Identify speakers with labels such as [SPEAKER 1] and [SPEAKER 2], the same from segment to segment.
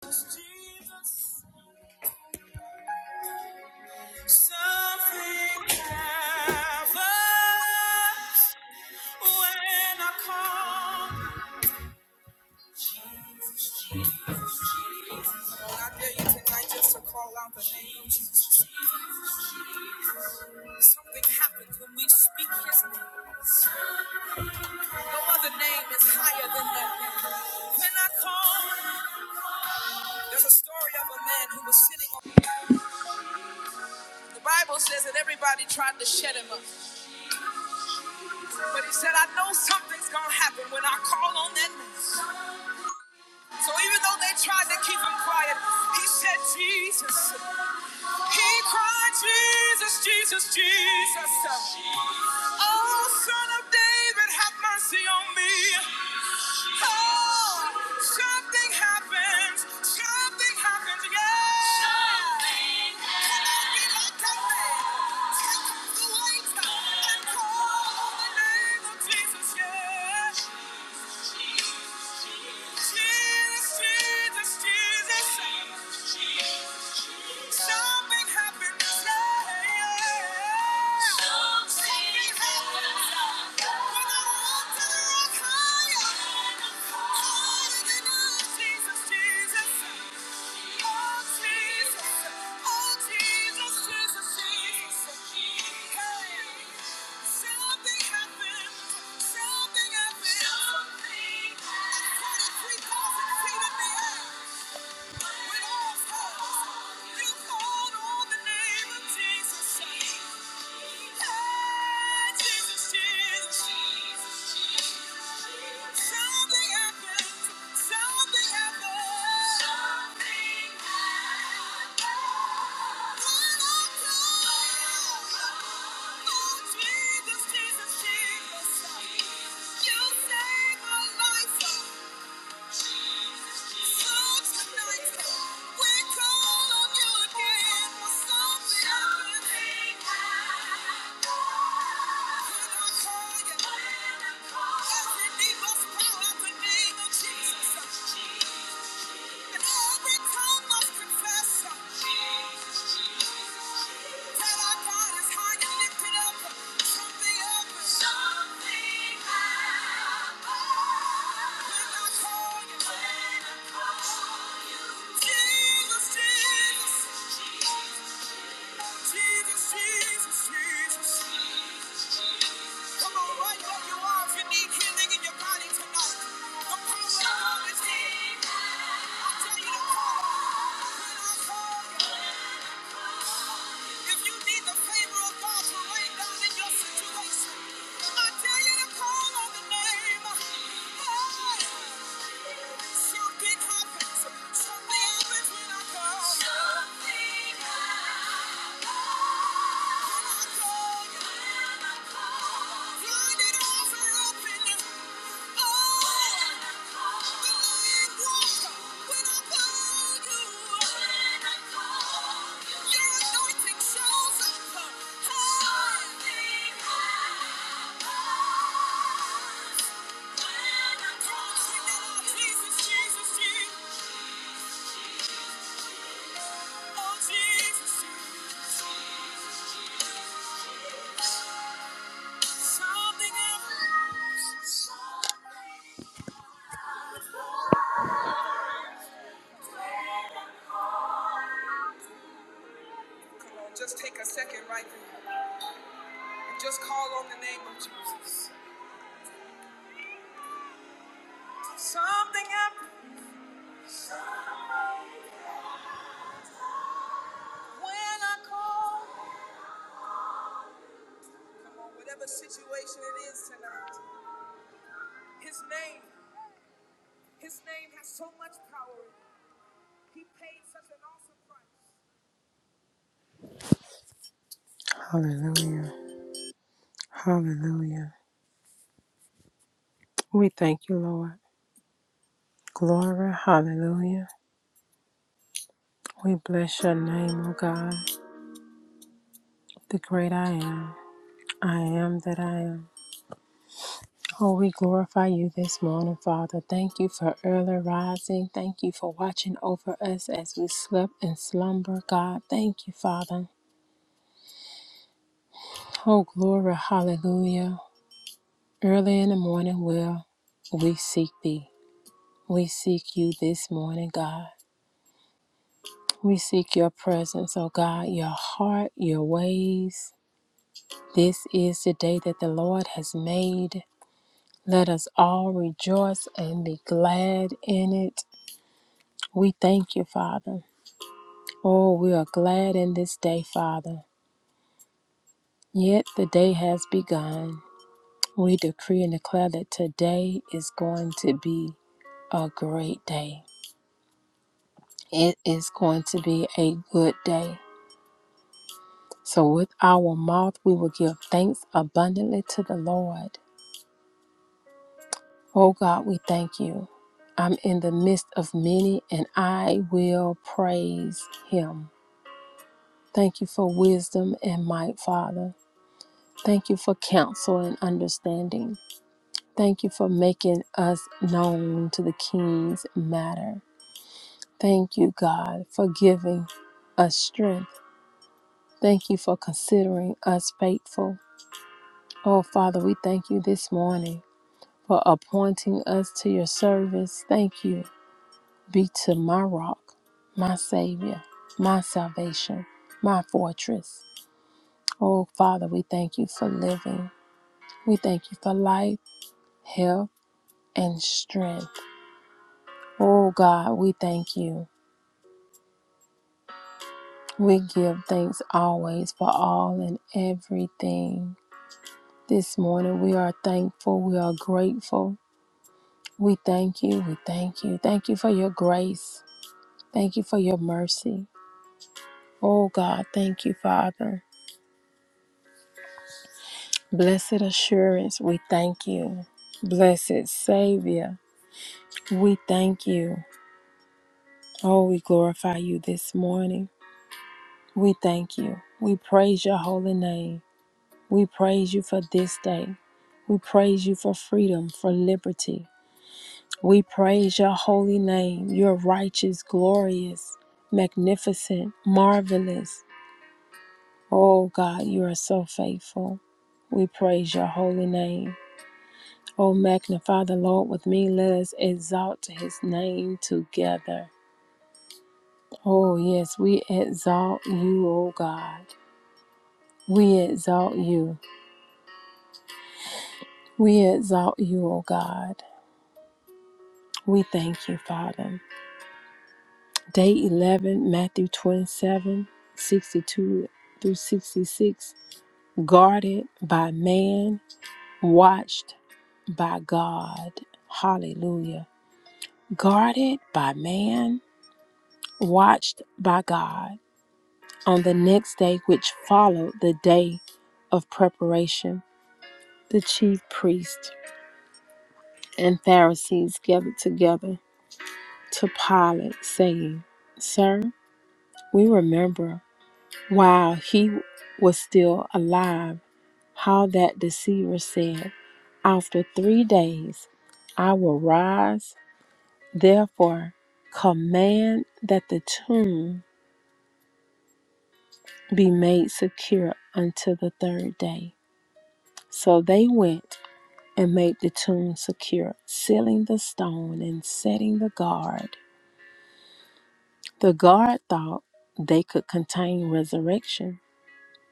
[SPEAKER 1] something happens when I call. Jesus, Jesus, Jesus. Lord, tonight just to call out the name Jesus. Something happens when we speak His name. No other name is higher than that name. When I call, there's a story of a man who was sitting on. The Bible says that everybody tried to shut him up. But he said, I know something's gonna happen when I call on that name. So even though they tried to keep him quiet, he said, Jesus. He cried, Jesus, Jesus, Jesus. Oh, son of David, have mercy on me. Oh, something happens. Something happens, yeah. Something. Take off the weight and call on the name of Jesus, yeah. Jesus, Jesus, Jesus, something happened today. Something happened. When I walked to the rock higher, higher than I, Jesus, Jesus. Oh, Jesus, oh, Jesus, Jesus, Hey. Something happened. Something happened. Something happened. in the Jesus, Ah, Jesus, you saved my life. Something I owe. When I call you. I I when Something happens when I call. Something happens. Something else when I call situation it is tonight. His name, his name has so much power. He paid such an awesome price. Hallelujah. Hallelujah. We thank you, Lord. Glory. Hallelujah. We bless your name, O God, the great I am. I am that I am. Oh, we glorify you this morning, Father. Thank you for early rising. Thank you for watching over us as we slept and slumber, God. Thank you, Father. Oh, glory, hallelujah. Early in the morning, will we seek thee. We seek you this morning, God. We seek your presence, oh God, your heart, your ways. This is the day that the Lord has made. Let us all rejoice and be glad in it. We thank you, Father. Oh, we are glad in this day, Father. Yet the day has begun. We decree and declare that today is going to be a great day. It is going to be a good day. So with our mouth, we will give thanks abundantly to the Lord. Oh God, we thank you. I'm in the midst of many and I will praise him. Thank you for wisdom and might, Father. Thank you for counsel and understanding. Thank you for making us known to the King's matter. Thank you, God, for giving us strength. Thank you for considering us faithful. Oh, Father, we thank you this morning. for appointing us to your service. Thank you be to my rock, my Savior, my salvation, my fortress. Oh, Father, we thank you for living. We thank you for life, health, and strength. Oh, God, we thank you. We give thanks always for all and everything. This morning, we are thankful. We are grateful. We thank you. We thank you. Thank you for your grace. Thank you for your mercy. Oh God, thank you, Father. Blessed assurance, we thank you. Blessed Savior, we thank you. Oh, we glorify you this morning. We thank you. We praise your holy name. We praise you for this day. We praise you for freedom, for liberty. We praise your holy name. You're righteous, glorious, magnificent, marvelous. Oh God, you are so faithful. We praise your holy name. O magnify the Lord with me. Let us exalt his name together. Oh, yes, we exalt you, O God. We exalt you. We exalt you, O God. We thank you, Father. Day 11, Matthew 27, 62 through 66. Guarded by man, watched by God. Hallelujah. Guarded by man, watched by God. On the next day, which followed the day of preparation, the chief priests and Pharisees gathered together to Pilate, saying, Sir, we remember while he was still alive how that deceiver said, 'After three days I will rise. Therefore, command that the tomb be made secure until the third day. So they went and made the tomb secure, sealing the stone and setting the guard. The guard thought they could contain resurrection.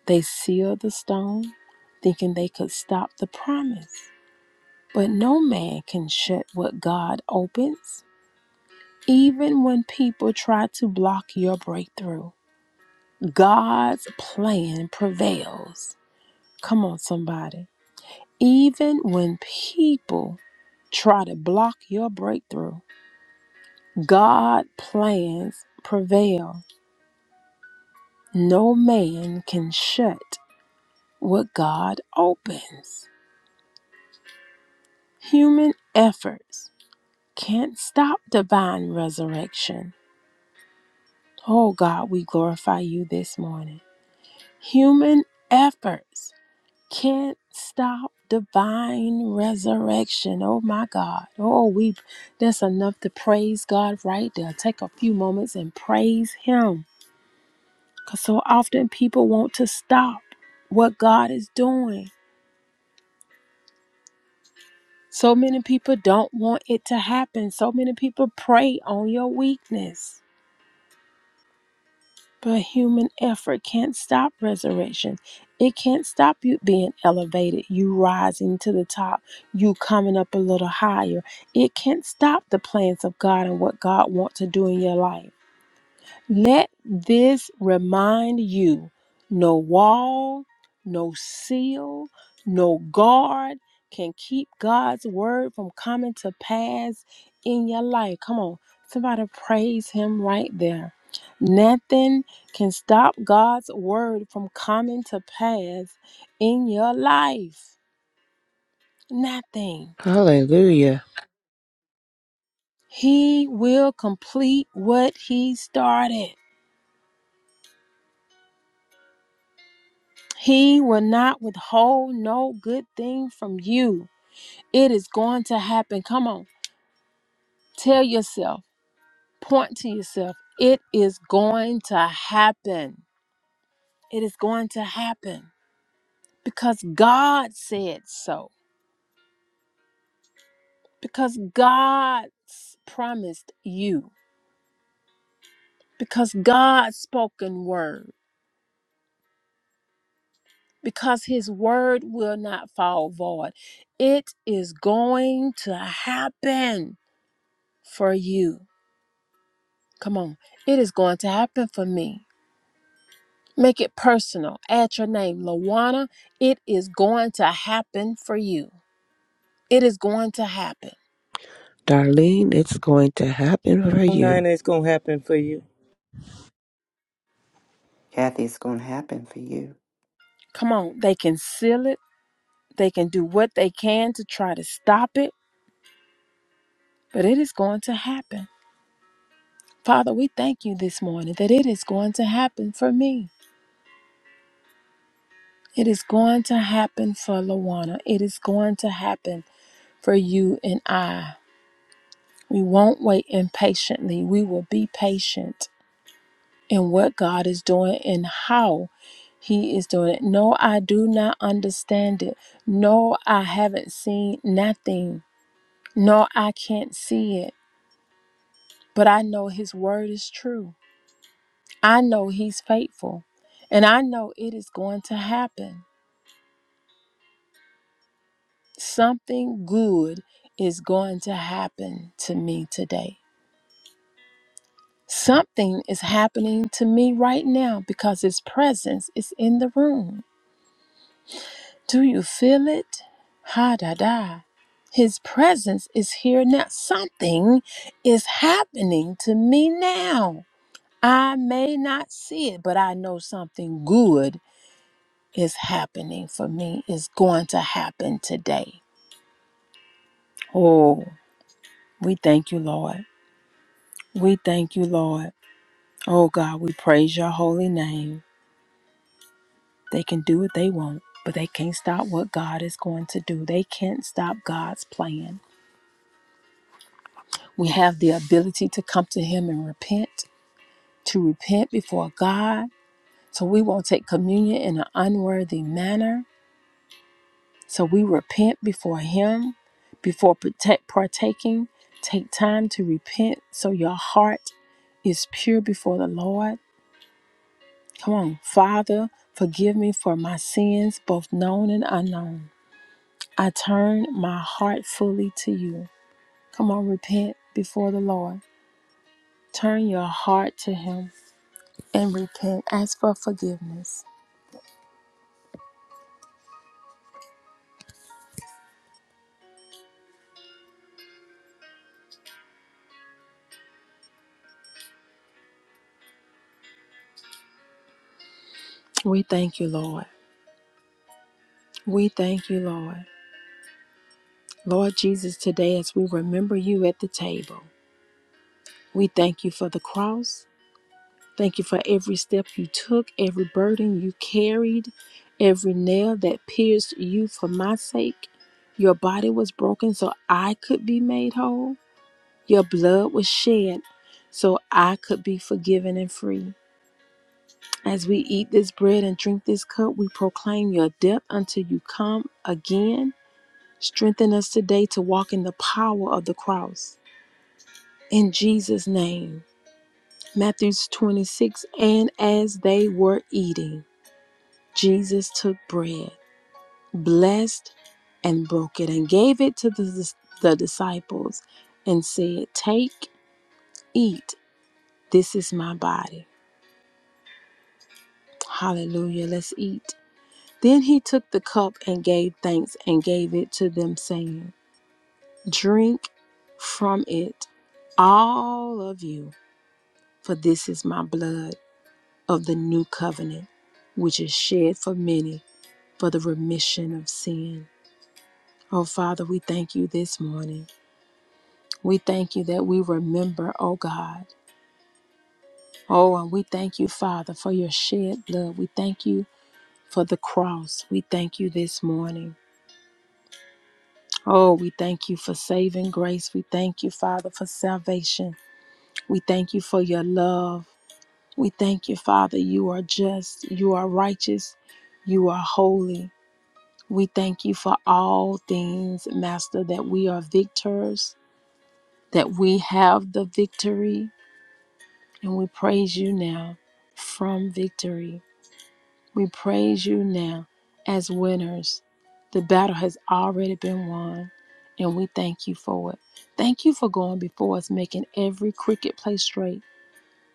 [SPEAKER 1] They sealed the stone, thinking they could stop the promise. But no man can shut what God opens, even when people try to block your breakthrough. God's plan prevails. Come on, somebody. Even when people try to block your breakthrough, God plans prevail. No man can shut what God opens. Human efforts can't stop divine resurrection. Oh God, we glorify you this morning. Human efforts can't stop divine resurrection. Oh my God. Oh, we that's enough to praise God right there. Take a few moments and praise him Because so often people want to stop what God is doing. So many people don't want it to happen. So many people prey on your weakness. But human effort can't stop resurrection. It can't stop you being elevated, you rising to the top, you coming up a little higher. It can't stop the plans of God and what God wants to do in your life. Let this remind you no wall, no seal, no guard can keep God's word from coming to pass in your life. Come on, somebody praise Him right there. Nothing can stop God's word from coming to pass in your life. Nothing.
[SPEAKER 2] Hallelujah.
[SPEAKER 1] He will complete what He started. He will not withhold no good thing from you. It is going to happen. Come on. Tell yourself, point to yourself. It is going to happen. It is going to happen because God said so. Because God s- promised you. Because God's spoken word. Because his word will not fall void. It is going to happen for you. Come on. It is going to happen for me. Make it personal. Add your name, Lawanna. It is going to happen for you. It is going to happen.
[SPEAKER 2] Darlene, it's going to happen for
[SPEAKER 3] nine
[SPEAKER 2] you.
[SPEAKER 3] is gonna happen for you.
[SPEAKER 4] Kathy, it's going to happen for you.
[SPEAKER 1] Come on. They can seal it, they can do what they can to try to stop it, but it is going to happen. Father, we thank you this morning that it is going to happen for me. It is going to happen for Lawanna. It is going to happen for you and I. We won't wait impatiently. We will be patient. and what God is doing and how He is doing it. No, I do not understand it. No, I haven't seen nothing. No, I can't see it. But I know His word is true. I know He's faithful. And I know it is going to happen. Something good is going to happen to me today. Something is happening to me right now because His presence is in the room. Do you feel it? Ha da da. His presence is here now. Something is happening to me now. I may not see it, but I know something good is happening for me, is going to happen today. Oh, we thank you, Lord. We thank you, Lord. Oh, God, we praise your holy name. They can do what they want, but they can't stop what God is going to do. They can't stop God's plan. We have the ability to come to Him and repent, to repent before God. So we won't take communion in an unworthy manner. So we repent before Him, before protect, partaking. Take time to repent so your heart is pure before the Lord. Come on, Father, forgive me for my sins, both known and unknown. I turn my heart fully to you. Come on, repent before the Lord. Turn your heart to Him. and repent. Ask for forgiveness. We thank you, Lord. We thank you, Lord. Lord Jesus, today as we remember you at the table, we thank you for the cross. Thank you for every step you took, every burden you carried, every nail that pierced you for my sake. Your body was broken so I could be made whole. Your blood was shed so I could be forgiven and free. As we eat this bread and drink this cup, we proclaim your death until you come again. Strengthen us today to walk in the power of the cross. In Jesus' name. Matthew 26 And as they were eating, Jesus took bread, blessed and broke it, and gave it to the, the disciples and said, Take, eat, this is my body. Hallelujah. Let's eat. Then he took the cup and gave thanks and gave it to them, saying, Drink from it, all of you, for this is my blood of the new covenant, which is shed for many for the remission of sin. Oh, Father, we thank you this morning. We thank you that we remember, oh God. Oh, and we thank you, Father, for your shed blood. We thank you for the cross. We thank you this morning. Oh, we thank you for saving grace. We thank you, Father, for salvation. We thank you for your love. We thank you, Father, you are just, you are righteous, you are holy. We thank you for all things, Master, that we are victors, that we have the victory, and we praise you now from victory. We praise you now as winners. The battle has already been won, and we thank you for it. Thank you for going before us, making every crooked place straight,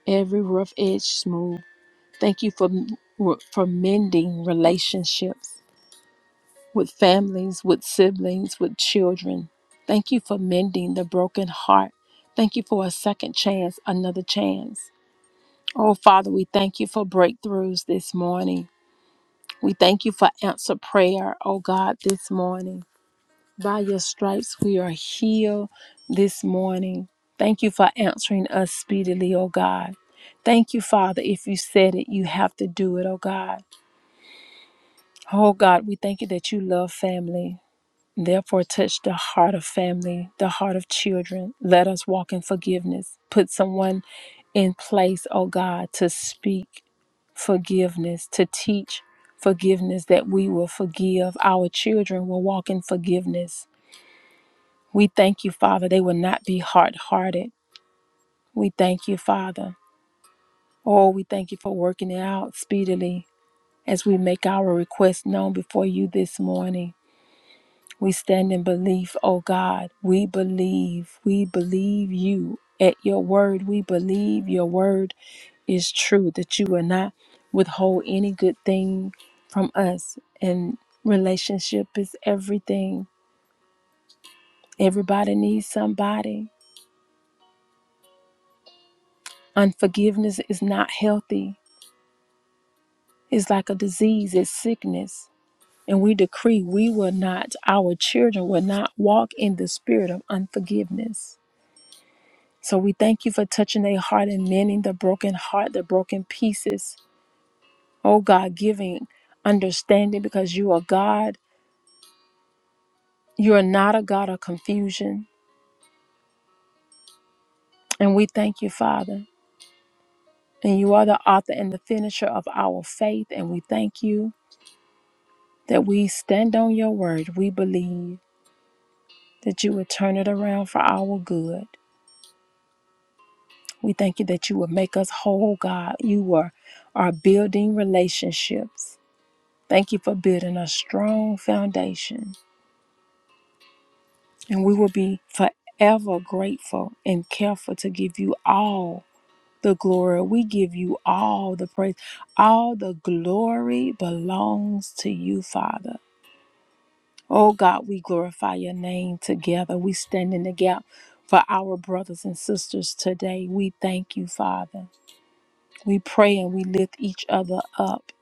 [SPEAKER 1] every rough edge smooth. Thank you for, for mending relationships with families, with siblings, with children. Thank you for mending the broken heart. Thank you for a second chance, another chance. Oh, Father, we thank you for breakthroughs this morning. We thank you for answer prayer, oh God, this morning. By your stripes, we are healed this morning. Thank you for answering us speedily, oh God. Thank you, Father. If you said it, you have to do it, oh God. Oh God, we thank you that you love family. Therefore, touch the heart of family, the heart of children. Let us walk in forgiveness. Put someone in place, oh God, to speak forgiveness, to teach forgiveness, that we will forgive. Our children will walk in forgiveness. We thank you, Father. They will not be hard hearted. We thank you, Father. Oh, we thank you for working it out speedily as we make our request known before you this morning. We stand in belief, oh God. We believe. We believe you at your word. We believe your word is true, that you will not withhold any good thing from us. And relationship is everything. Everybody needs somebody. Unforgiveness is not healthy, it's like a disease, it's sickness. And we decree we will not, our children will not walk in the spirit of unforgiveness. So we thank you for touching their heart and mending the broken heart, the broken pieces. Oh God, giving understanding because you are God. You are not a God of confusion. And we thank you, Father. And you are the author and the finisher of our faith. And we thank you that we stand on your word. We believe that you will turn it around for our good. We thank you that you will make us whole, God. You are, are building relationships. Thank you for building a strong foundation. And we will be forever grateful and careful to give you all the glory. We give you all the praise. All the glory belongs to you, Father. Oh God, we glorify your name together. We stand in the gap for our brothers and sisters today. We thank you, Father. We pray and we lift each other up.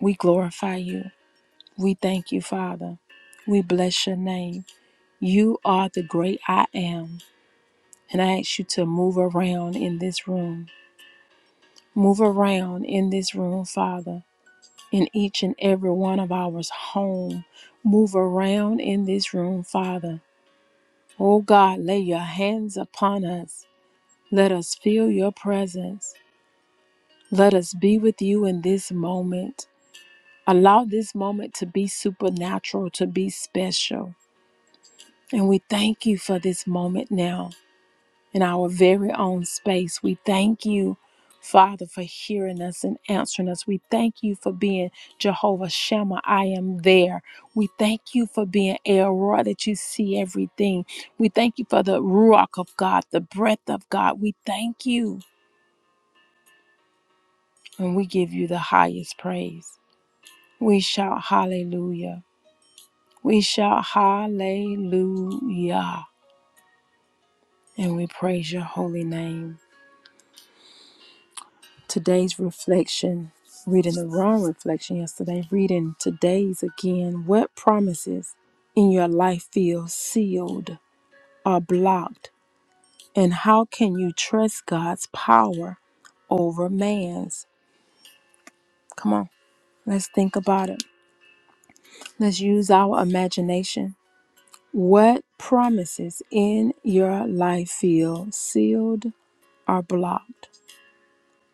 [SPEAKER 1] We glorify you. We thank you, Father. We bless your name. You are the great I am. And I ask you to move around in this room. Move around in this room, Father, in each and every one of ours home. Move around in this room, Father. Oh God, lay your hands upon us. Let us feel your presence. Let us be with you in this moment. Allow this moment to be supernatural, to be special. And we thank you for this moment now. in our very own space. We thank you, Father, for hearing us and answering us. We thank you for being Jehovah Shammah. I am there. We thank you for being El Roy, that you see everything. We thank you for the Ruach of God, the breath of God. We thank you, and we give you the highest praise. We shout hallelujah. We shout hallelujah, and we praise your holy name. Today's reflection, reading the wrong reflection yesterday, reading today's again. What promises in your life feel sealed or blocked? And how can you trust God's power over man's? Come on, let's think about it. Let's use our imagination. What promises in your life feel sealed or blocked?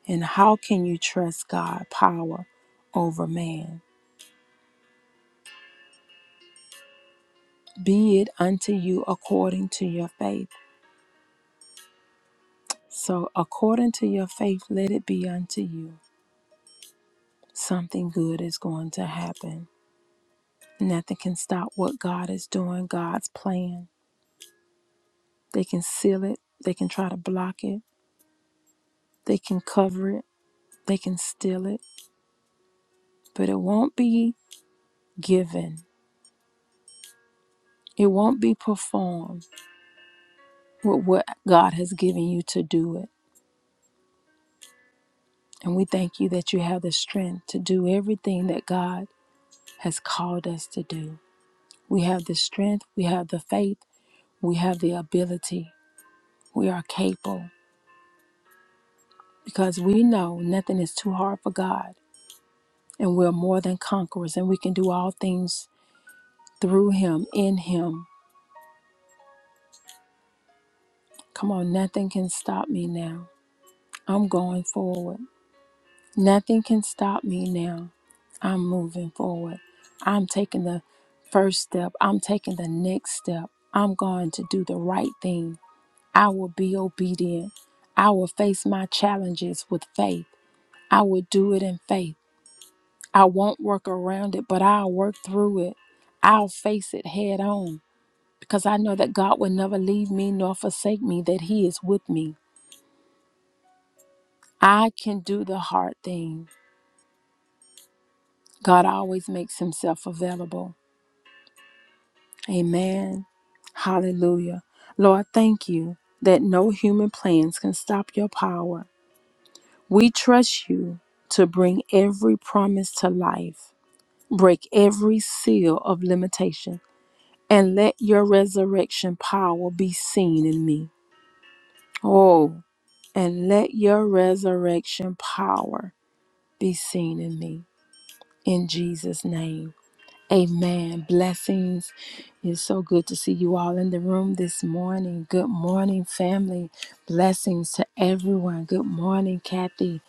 [SPEAKER 1] And how can you trust God's power over man? Be it unto you according to your faith. So, according to your faith, let it be unto you. Something good is going to happen. Nothing can stop what God is doing, God's plan. They can seal it, they can try to block it, they can cover it, they can steal it, but it won't be given. It won't be performed with what God has given you to do it. And we thank you that you have the strength to do everything that God has called us to do. We have the strength, we have the faith, we have the ability, we are capable because we know nothing is too hard for God and we're more than conquerors and we can do all things through Him, in Him. Come on, nothing can stop me now. I'm going forward. Nothing can stop me now. I'm moving forward. I'm taking the first step, I'm taking the next step. I'm going to do the right thing. I will be obedient. I will face my challenges with faith. I will do it in faith. I won't work around it, but I'll work through it. I'll face it head on because I know that God will never leave me nor forsake me, that He is with me. I can do the hard thing. God always makes Himself available. Amen. Hallelujah. Lord, thank you that no human plans can stop your power. We trust you to bring every promise to life, break every seal of limitation, and let your resurrection power be seen in me. Oh, and let your resurrection power be seen in me. In Jesus' name. Amen. Blessings. It's so good to see you all in the room this morning. Good morning, family. Blessings to everyone. Good morning, Kathy.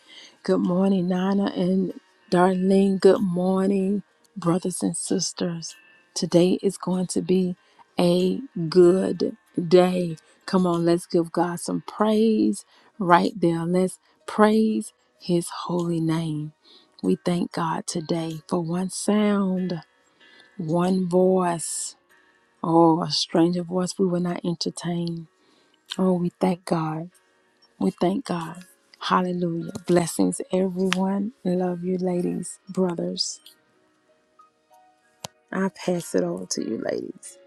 [SPEAKER 1] Good morning, Nana and Darlene. Good morning, brothers and sisters. Today is going to be a good day. Come on, let's give God some praise right there. Let's praise his holy name. We thank God today for one sound. One voice. Oh, a stranger voice we will not entertain. Oh, we thank God. We thank God. Hallelujah. Blessings, everyone. Love you, ladies, brothers. I pass it over to you, ladies.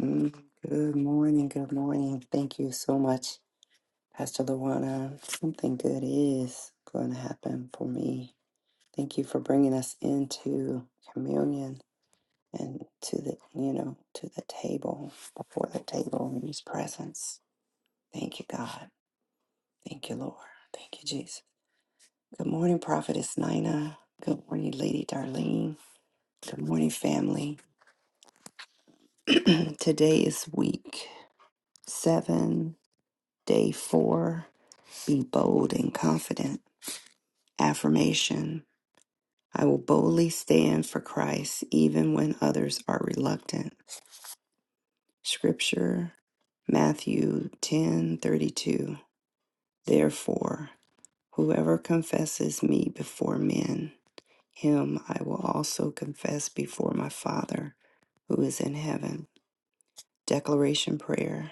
[SPEAKER 4] Mm, good morning. Good morning. Thank you so much, Pastor Luana. Something good is going to happen for me. Thank you for bringing us into communion and to the, you know, to the table, before the table in His presence. Thank you, God. Thank you, Lord. Thank you, Jesus. Good morning, Prophetess Nina. Good morning, Lady Darlene. Good morning, family. Today is week seven Day four, be bold and confident. Affirmation I will boldly stand for Christ even when others are reluctant. Scripture Matthew ten thirty two. Therefore, whoever confesses me before men, him I will also confess before my Father who is in heaven. Declaration Prayer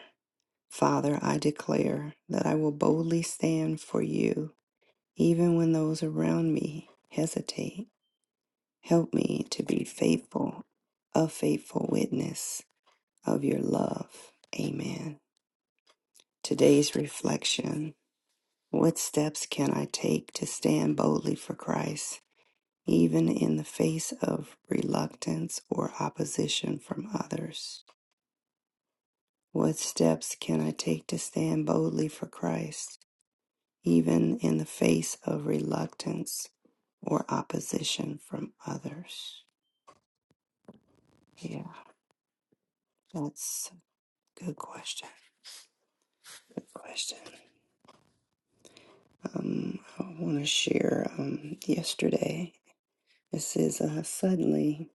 [SPEAKER 4] Father, I declare that I will boldly stand for you even when those around me hesitate. Help me to be faithful, a faithful witness of your love. Amen. Today's reflection What steps can I take to stand boldly for Christ, even in the face of reluctance or opposition from others? What steps can I take to stand boldly for Christ, even in the face of reluctance or opposition from others? Yeah, that's a good question. Good question. Um, I want to share. Um, yesterday, this is uh, suddenly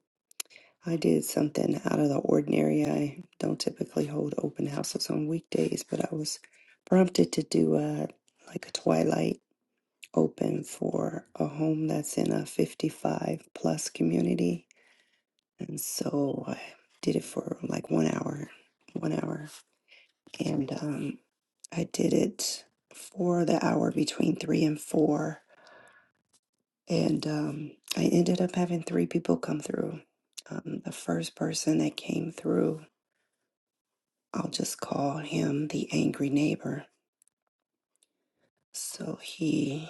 [SPEAKER 4] I did something out of the ordinary. I don't typically hold open houses on weekdays, but I was prompted to do a like a twilight open for a home that's in a 55 plus community, and so I did it for like one hour. One hour and um, I did it for the hour between three and four, and um, I ended up having three people come through. Um, the first person that came through, I'll just call him the angry neighbor. So he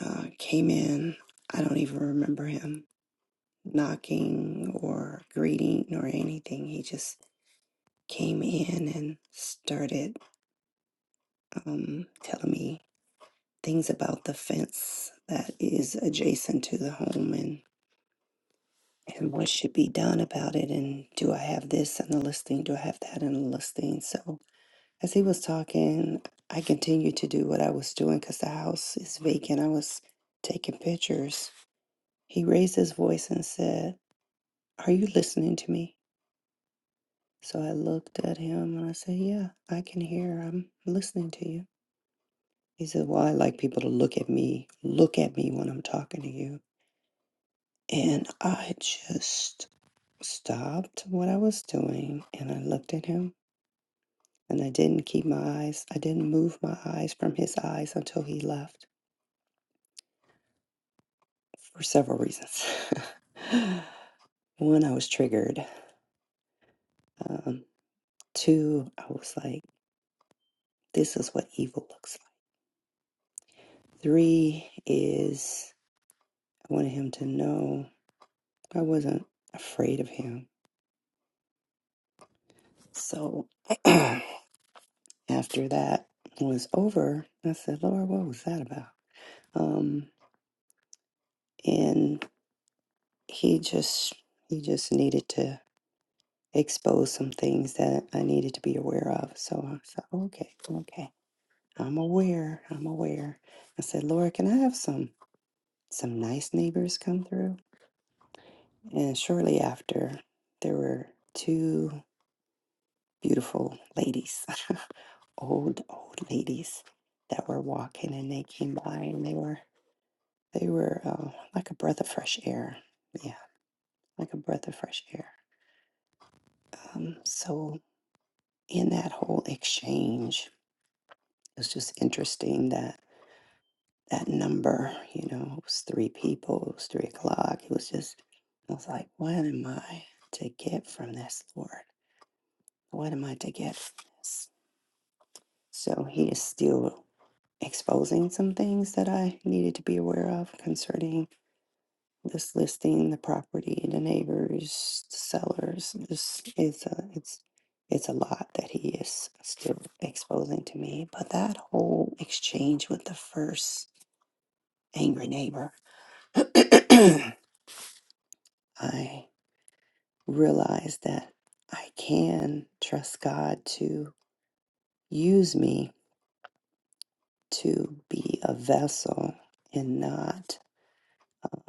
[SPEAKER 4] uh, came in. I don't even remember him knocking or greeting or anything. He just came in and started um, telling me things about the fence that is adjacent to the home and and what should be done about it and do I have this in the listing? Do I have that in the listing? So as he was talking, I continued to do what I was doing because the house is vacant. I was taking pictures. He raised his voice and said, Are you listening to me? So I looked at him and I said, Yeah, I can hear. I'm listening to you. He said, Well, I like people to look at me, look at me when I'm talking to you. And I just stopped what I was doing and I looked at him and I didn't keep my eyes, I didn't move my eyes from his eyes until he left for several reasons. One, I was triggered. Um, two, I was like, this is what evil looks like. Three is I wanted him to know I wasn't afraid of him. So after that was over, I said, Lord, what was that about? Um, and he just he just needed to expose some things that I needed to be aware of. So I said, okay, okay, I'm aware, I'm aware. I said, Lord, can I have some some nice neighbors come through? And shortly after, there were two beautiful ladies, old old ladies, that were walking, and they came by, and they were they were uh, like a breath of fresh air. Yeah, like a breath of fresh air. Um, so in that whole exchange, it was just interesting that that number, you know, it was three people, it was three o'clock. It was just, I was like, what am I to get from this, Lord? What am I to get from this? So he is still exposing some things that I needed to be aware of concerning This listing, the property, the neighbors, the sellers, this is a, it's, it's a lot that he is still exposing to me. But that whole exchange with the first angry neighbor, I realized that I can trust God to use me to be a vessel and not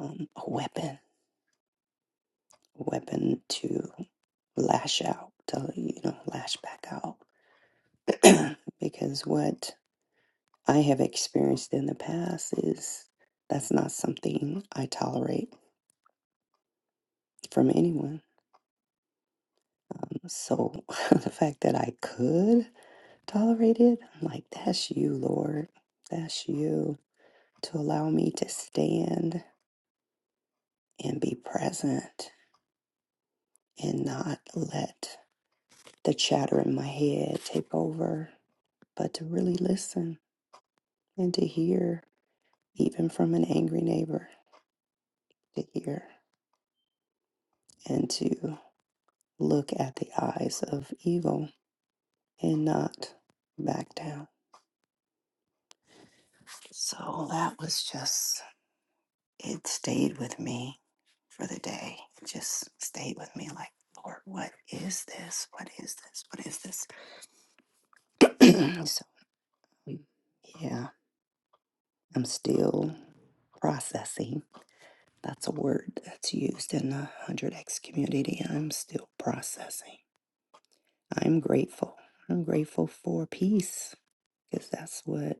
[SPEAKER 4] um, a weapon, a weapon to lash out, to, you know, lash back out. because what I have experienced in the past is that's not something I tolerate from anyone. Um, so the fact that I could tolerate it, I'm like, that's you, Lord. That's you to allow me to stand and be present and not let the chatter in my head take over, but to really listen and to hear, even from an angry neighbor, to hear and to look at the eyes of evil and not back down. So that was just, it stayed with me for the day. It just stayed with me like, Lord, what is this? What is this? What is this? so, mm, yeah, I'm still processing. That's a word that's used in the 100X community. I'm still processing. I'm grateful. I'm grateful for peace because that's what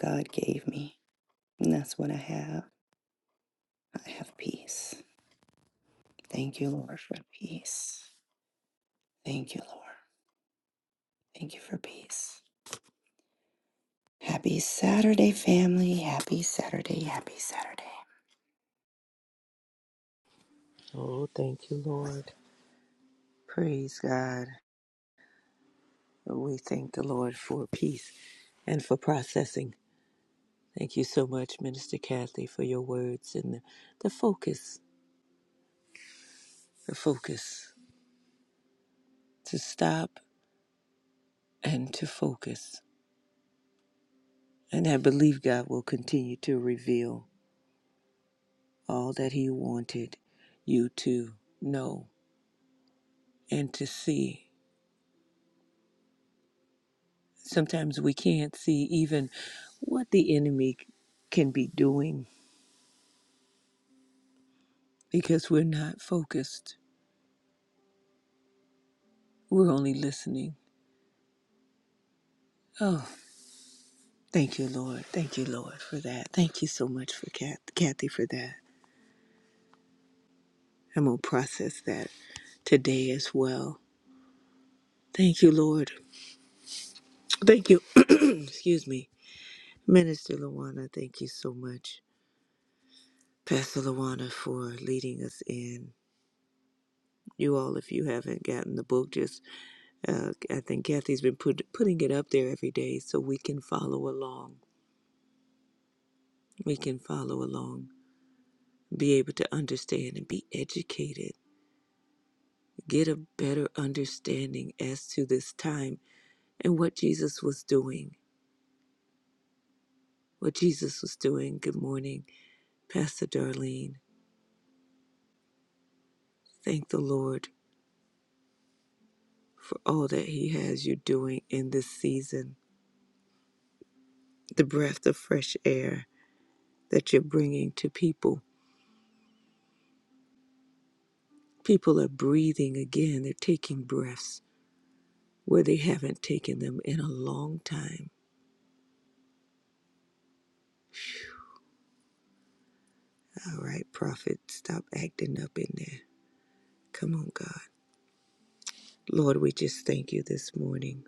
[SPEAKER 4] God gave me And that's what I have. I have peace. Thank you, Lord, for peace. Thank you, Lord. Thank you for peace. Happy Saturday, family. Happy Saturday. Happy Saturday.
[SPEAKER 3] Oh, thank you, Lord. Praise God. We thank the Lord for peace and for processing. Thank you so much, Minister Kathy, for your words and the, the focus, the focus to stop and to focus. And I believe God will continue to reveal all that He wanted you to know and to see. Sometimes we can't see even what the enemy can be doing because we're not focused. We're only listening. Oh, thank you, Lord. Thank you, Lord, for that. Thank you so much for Kath- Kathy for that. I'm going to process that today as well. Thank you, Lord. Thank you. Excuse me. Minister Luana. thank you so much. Pastor Luana, for leading us in. You all, if you haven't gotten the book, just uh, I think Kathy's been put, putting it up there every day so we can follow along. We can follow along be able to understand and be educated, get a better understanding as to this time and what Jesus was doing. What Jesus was doing. Good morning, Pastor Darlene. Thank the Lord for all that He has you doing in this season, the breath of fresh air that you're bringing to people. People are breathing again, they're taking breaths where they haven't taken them in a long time. All right, prophet, stop acting up in there. Come on, God. Lord, we just thank you this morning.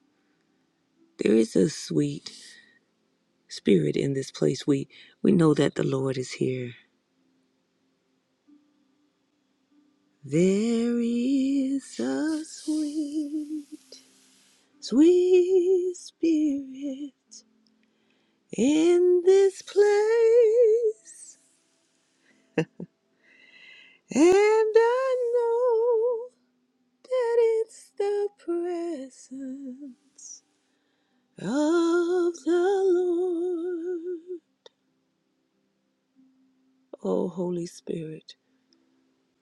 [SPEAKER 3] There is a sweet spirit in this place. We we know that the Lord is here. There is a sweet, sweet spirit in this place. And I know that it's the presence of the Lord. Oh, Holy Spirit,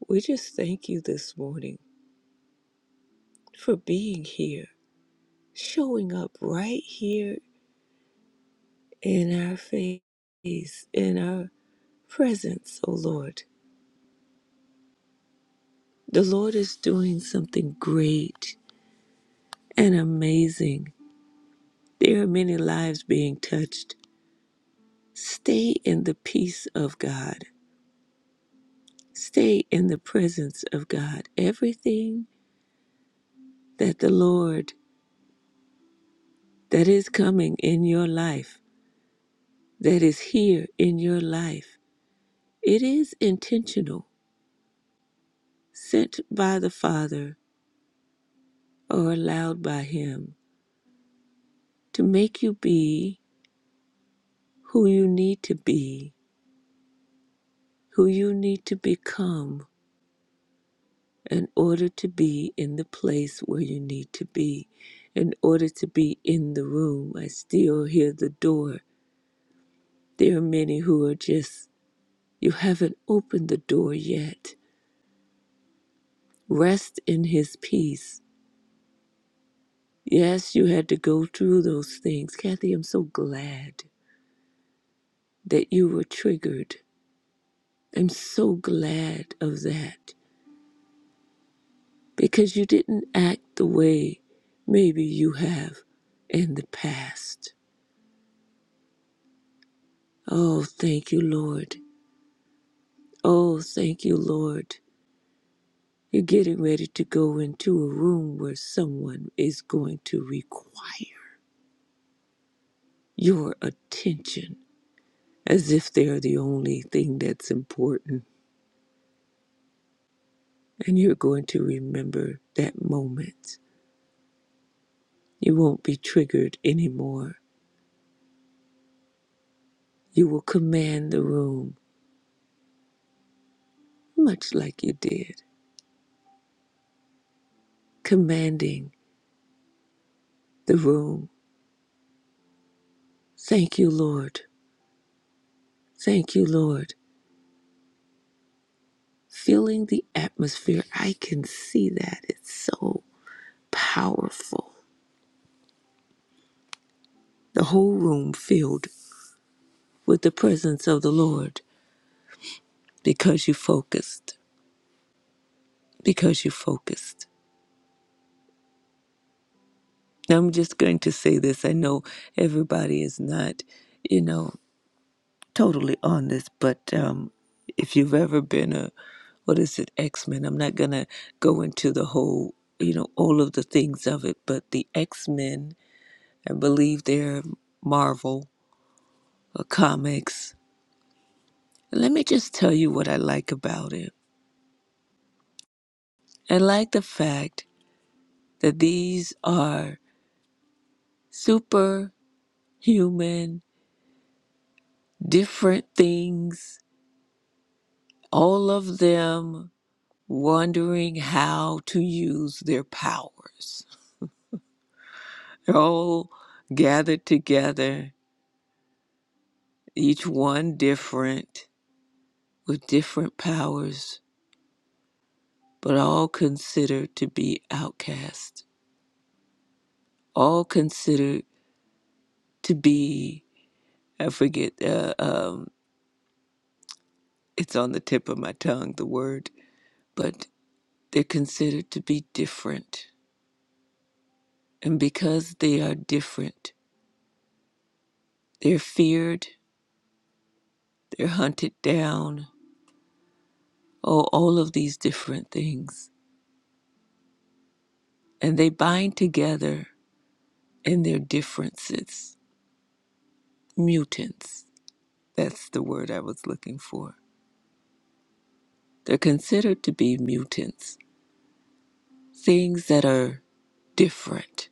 [SPEAKER 3] we just thank you this morning. for being here, showing up right here in our face, in our presence, O Lord. The Lord is doing something great and amazing. There are many lives being touched. Stay in the peace of God. Stay in the presence of God. Everything that the Lord that is coming in your life, that is here in your life, it is intentional sent by the Father are allowed by Him to make you be who you need to be, who you need to become in order to be in the place where you need to be, in order to be in the room. I still hear the door. There are many who are just, you haven't opened the door yet. Rest in His peace. Yes, you had to go through those things. Kathy, I'm so glad that you were triggered. I'm so glad of that because you didn't act the way maybe you have in the past. Oh, thank you, Lord. Oh, thank you, Lord. You're getting ready to go into a room where someone is going to require your attention as if they're the only thing that's important. And you're going to remember that moment. You won't be triggered anymore. You will command the room, much like you did, commanding the room. Thank you, Lord. Thank you, Lord. Feeling the atmosphere, I can see that. It's so powerful. The whole room filled with the presence of the Lord because you focused, because you focused. Now, I'm just going to say this. I know everybody is not, you know. totally on this, but um, if you've ever been a, what is it, X Men, I'm not going to go into the whole, you know, all of the things of it, but the X Men, I believe they're Marvel uh, comics. Let me just tell you what I like about it. I like the fact that these are superhuman, different things, all of them wondering how to use their powers They're all gathered together, each one different, with different powers, but all considered to be outcast. All considered to be, I forget, uh, um, it's on the tip of my tongue, the word, but they're considered to be different. And because they are different, they're feared, they're hunted down, oh, all of these different things. And they bind together and their differences. Mutants, that's the word I was looking for. They're considered to be mutants, things that are different.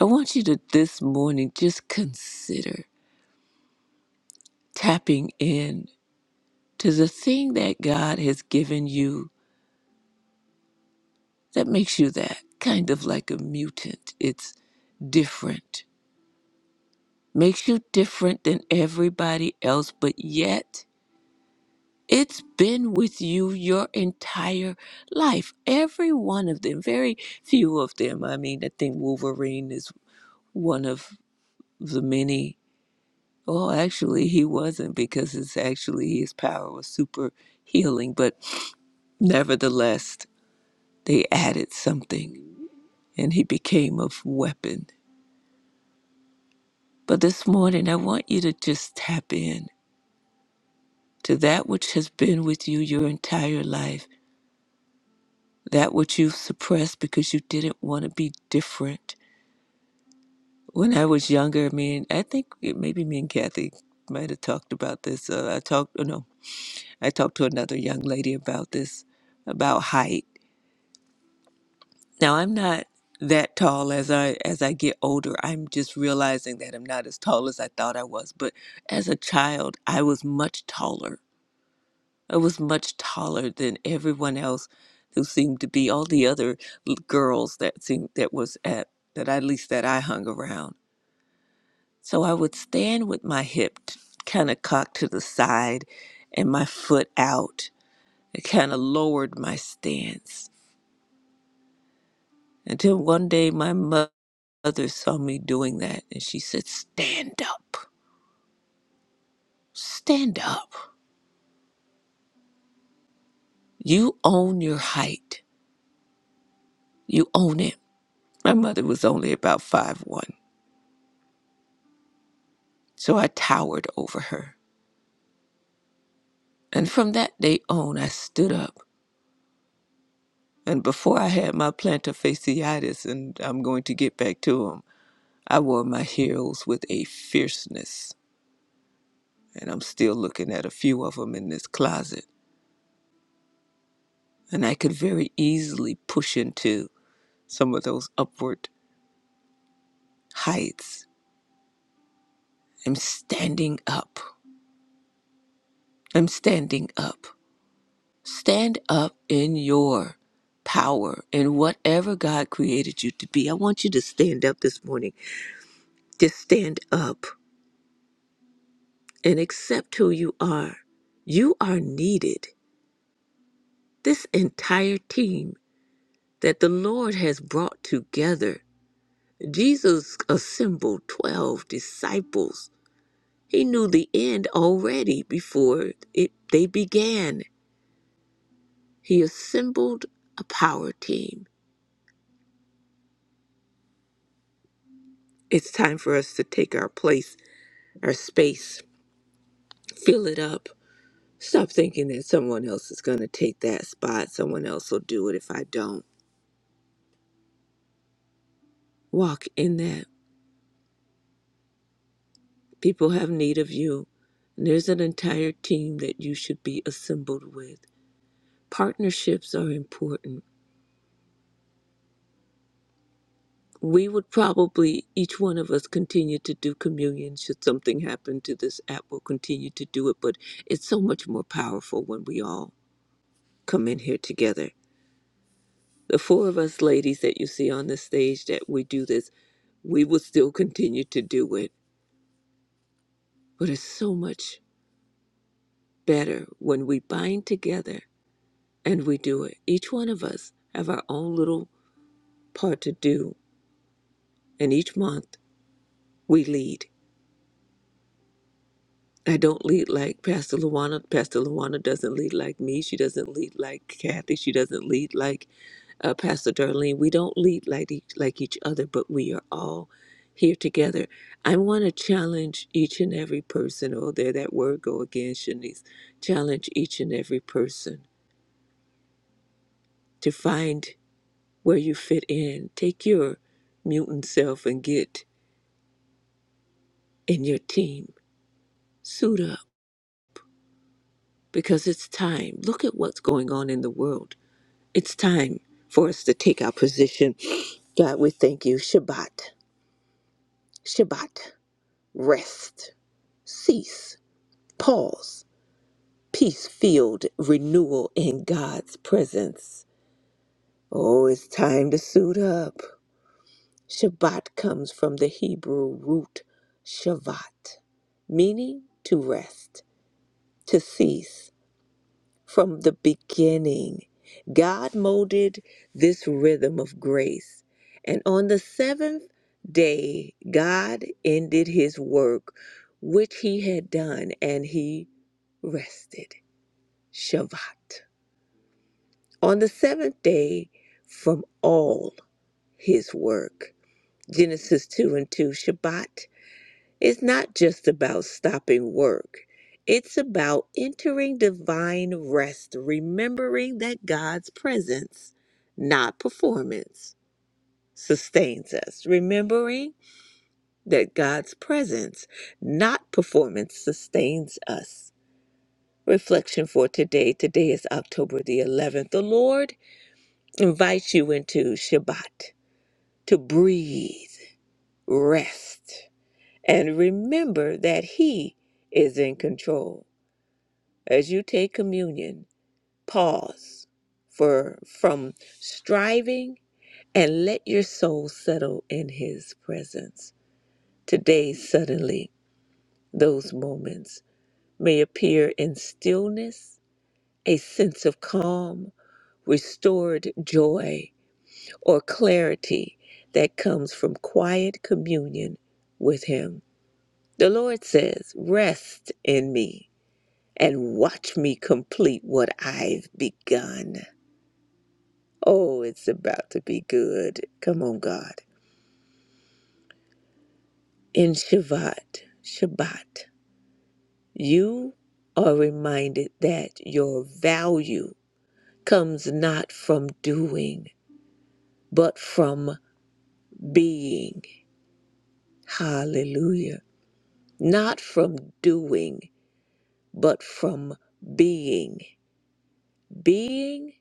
[SPEAKER 3] I want you to this morning just consider tapping in to the thing that God has given you that makes you that kind of like a mutant. It's different, makes you different than everybody else, but yet It's been with you your entire life. Every one of them, very few of them. I mean, I think Wolverine is one of the many. Well, actually, he wasn't because it's actually his power was super healing, but nevertheless, they added something and he became a weapon. But this morning, I want you to just tap in to that which has been with you your entire life, that which you've suppressed because you didn't want to be different When I was younger, me and I think it- maybe me and Kathy might have talked about this. Uh, I talked, oh no, I talked to another young lady about this, about height. Now I'm not that tall as I as I get older. I'm just realizing that I'm not as tall as I thought I was. But as a child, I was much taller. I was much taller than everyone else who seemed to be all the other l- girls that seemed that was at that at least that I hung around So I would stand with my hip kind of cocked to the side and my foot out. I kind of lowered my stance until one day my mo- mother saw me doing that and she said, Stand up, stand up. You own your height, you own it. My mother was only about five one, so I towered over her. And from that day on, I stood up. And before I had my plantar fasciitis, and I'm going to get back to 'em. I wore my heroes with a fierceness, and I'm still looking at a few of them in this closet. And I could very easily push into some of those upward heights. I'm standing up. I'm standing up. Stand up in your power and whatever God created you to be. I want you to stand up this morning. Just stand up and accept who you are. You are needed. This entire team that the Lord has brought together. Jesus assembled 12 disciples. He knew the end already before it, they began. He assembled a power team. It's time for us to take our place, our space, fill it up. Stop thinking that someone else is going to take that spot. Someone else will do it if I don't. Walk in that. People have need of you. And there's an entire team that you should be assembled with. partnerships are important. We would probably, each one of us, continue to do communion should something happen to this app. We'll continue to do it, but it's so much more powerful when we all come in here together. The four of us ladies that you see on the stage that we do this, we will still continue to do it, but it's so much better when we bind together and we do it. Each one of us have our own little part to do, and each month we lead. I don't lead like Pastor Luana. Pastor Luana doesn't lead like me. She doesn't lead like Kathy. She doesn't lead like uh, Pastor Darlene. We don't lead like each, like each other, but we are all here together. I want to challenge each and every person. Oh, there that word go again, Shanice. Challenge each and every person to find where you fit in. Take your mutant self and get in your team. Suit up because it's time. Look at what's going on in the world. It's time for us to take our position. God, we thank you. Shabbat, Shabbat, rest, cease, pause, peace field, renewal in God's presence. Oh, it's time to suit up. Shabbat comes from the Hebrew root shavat, meaning to rest, to cease, from the beginning. God molded this rhythm of grace. And on the seventh day, God ended his work which he had done and he rested. Shabbat. On the seventh day, from all his work. Genesis 2 and 2. Shabbat It's not just about stopping work. It's about entering divine rest, remembering that God's presence, not performance, sustains us. Remembering that God's presence, not performance, sustains us. Reflection for today. Today is October the 11th. The Lord invites you into Shabbat to breathe, rest, and remember that He is in control. as you take communion, pause for from striving and let your soul settle in his presence. Today, suddenly, those moments may appear in stillness, a sense of calm, restored joy, or clarity that comes from quiet communion with him. The Lord says, Rest in me and watch me complete what I've begun. Oh, it's about to be good. Come on, God. In Shabbat, Shabbat, you are reminded that your value comes not from doing, but from being. Hallelujah. Not from doing, but from being. Being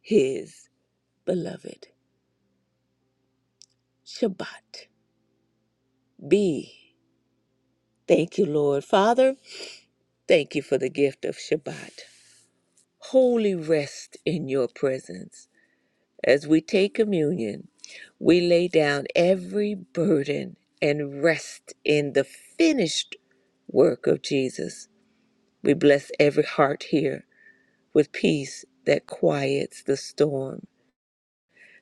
[SPEAKER 3] his beloved. Shabbat. Be. Thank you, Lord. Father, thank you for the gift of Shabbat. holy rest in your presence. As we take communion, we lay down every burden and rest in the finished work of Jesus. We bless every heart here with peace that quiets the storm,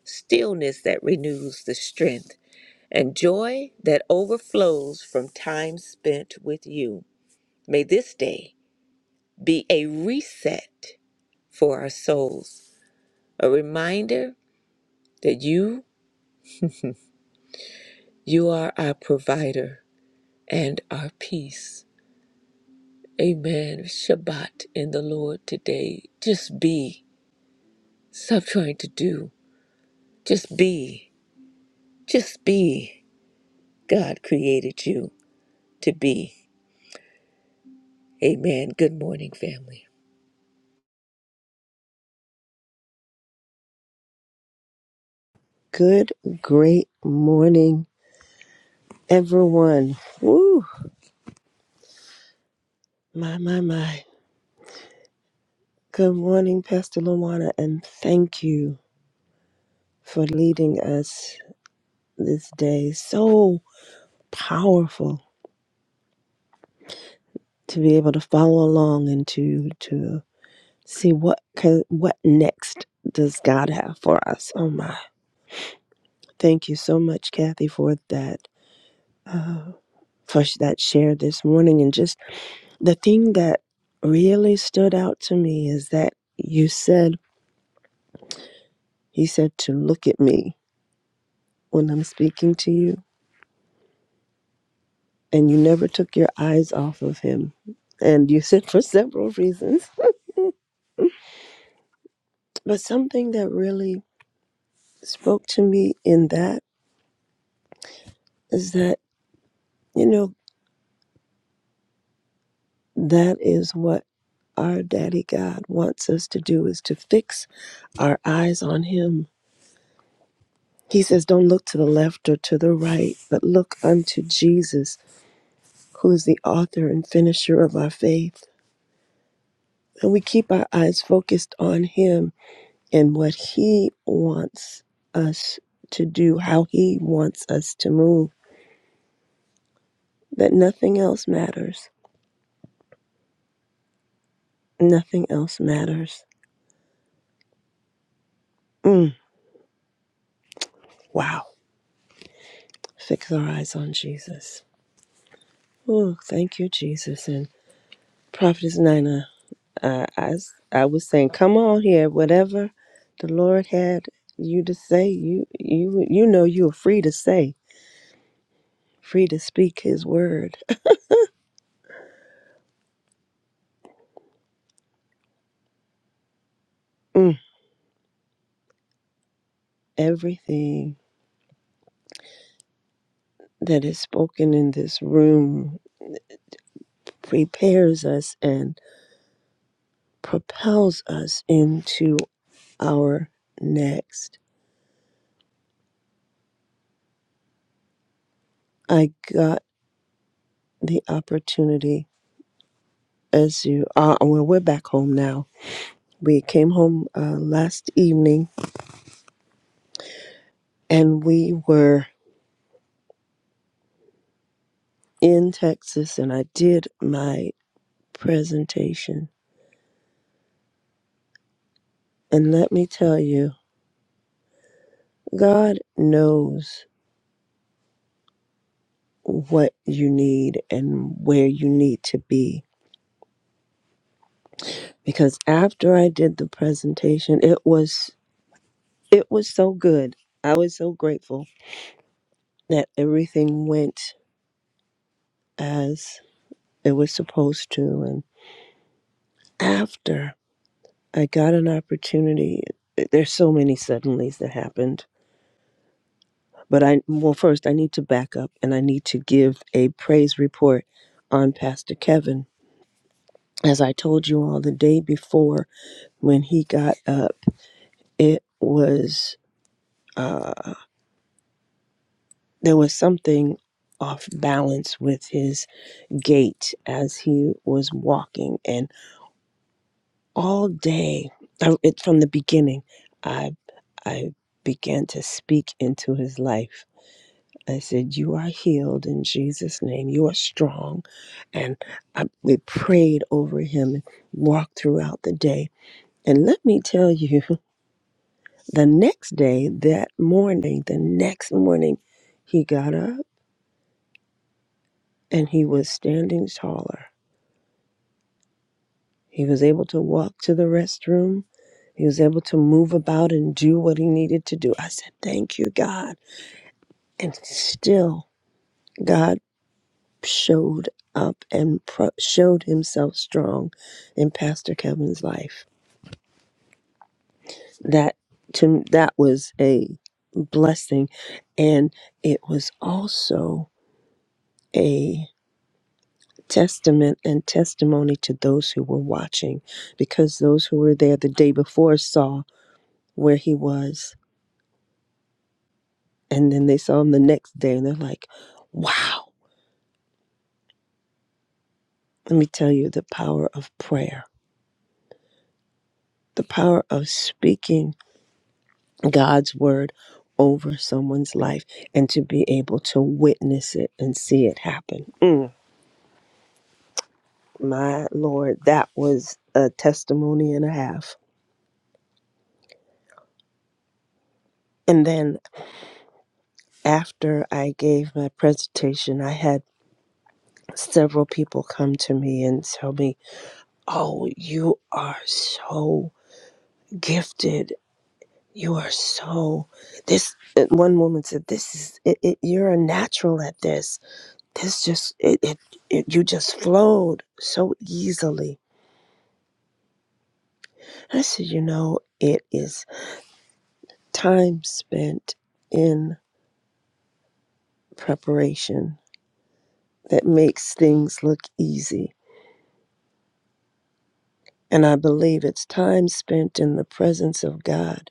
[SPEAKER 3] stillness that renews the strength, and joy that overflows from time spent with you. May this day be a reset for our souls, a reminder that you you are our provider and our peace amen shabbat in the lord today just be stop trying to do just be just be god created you to be amen good morning family
[SPEAKER 2] Good, great morning, everyone. Woo! My, my, my. Good morning, Pastor Luana, and thank you for leading us this day. So powerful to be able to follow along and to to see what co- what next does God have for us. Oh my! Thank you so much, Kathy, for that uh, for that share this morning, and just The thing that really stood out to me is that you said, He said to look at me when I'm speaking to you, and you never took your eyes off of Him. And you said for several reasons. But something that really spoke to me in that is that, you know, that is what our daddy God wants us to do is to fix our eyes on Him. He says, Don't look to the left or to the right, but look unto Jesus who is the author and finisher of our faith. And we keep our eyes focused on Him and what He wants us to do, how He wants us to move, that nothing else matters. Nothing else matters. Mm, wow. Fix our eyes on Jesus. Oh, thank you, Jesus. And Prophetess Nina, uh, I, s- I was saying, come on here, whatever the Lord had you to say, you you you know you are free to say free to speak his word. Mm. Everything that is spoken in this room prepares us and propels us into our next. I got the opportunity as you are, uh, well, we're back home now. We came home uh, last evening and we were in Texas and I did my presentation. And let me tell you, God knows what you need and where you need to be because after I did the presentation it was it was so good I was so grateful that everything went as it was supposed to and after I got an opportunity there's so many suddenlies that happened but I well first I need to back up and I need to give a praise report on Pastor Kevin as I told you all the day before when he got up it was uh, there was something off balance with his gait as he was walking and all day I, it, from the beginning i i began to speak into his life i said you are healed in jesus name you are strong and I, we prayed over him and walked throughout the day and let me tell you the next day that morning the next morning he got up and he was standing taller. He was able to walk to the restroom. He was able to move about and do what he needed to do. I said, Thank you, God. And still, God showed up and pro- showed himself strong in Pastor Kevin's life. That to that was a blessing and it was also a testament and testimony to those who were watching because those who were there the day before saw where he was. And then they saw him the next day and they're like, wow. Let me tell you the power of prayer, the power of speaking God's word over someone's life and to be able to witness it and see it happen. Mm, my Lord, that was a testimony and a half. And then after I gave my presentation, I had several people come to me and tell me, Oh, you are so gifted You are so this. uh, One woman said, "This is it, it, you're a natural at this. This just it, it it you just flowed so easily." I said, "You know, it is time spent in preparation that makes things look easy, and I believe it's time spent in the presence of God."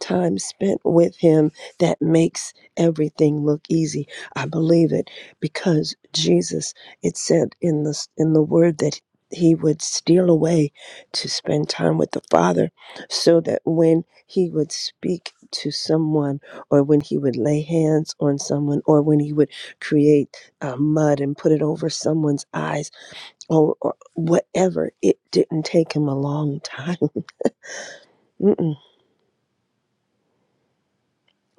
[SPEAKER 2] time spent with Him that makes everything look easy. I believe it because Jesus, it said in the, in the word that He would steal away to spend time with the Father so that when He would speak to someone or when He would lay hands on someone or when He would create uh, mud and put it over someone's eyes or, or whatever, it didn't take Him a long time. Mm-mm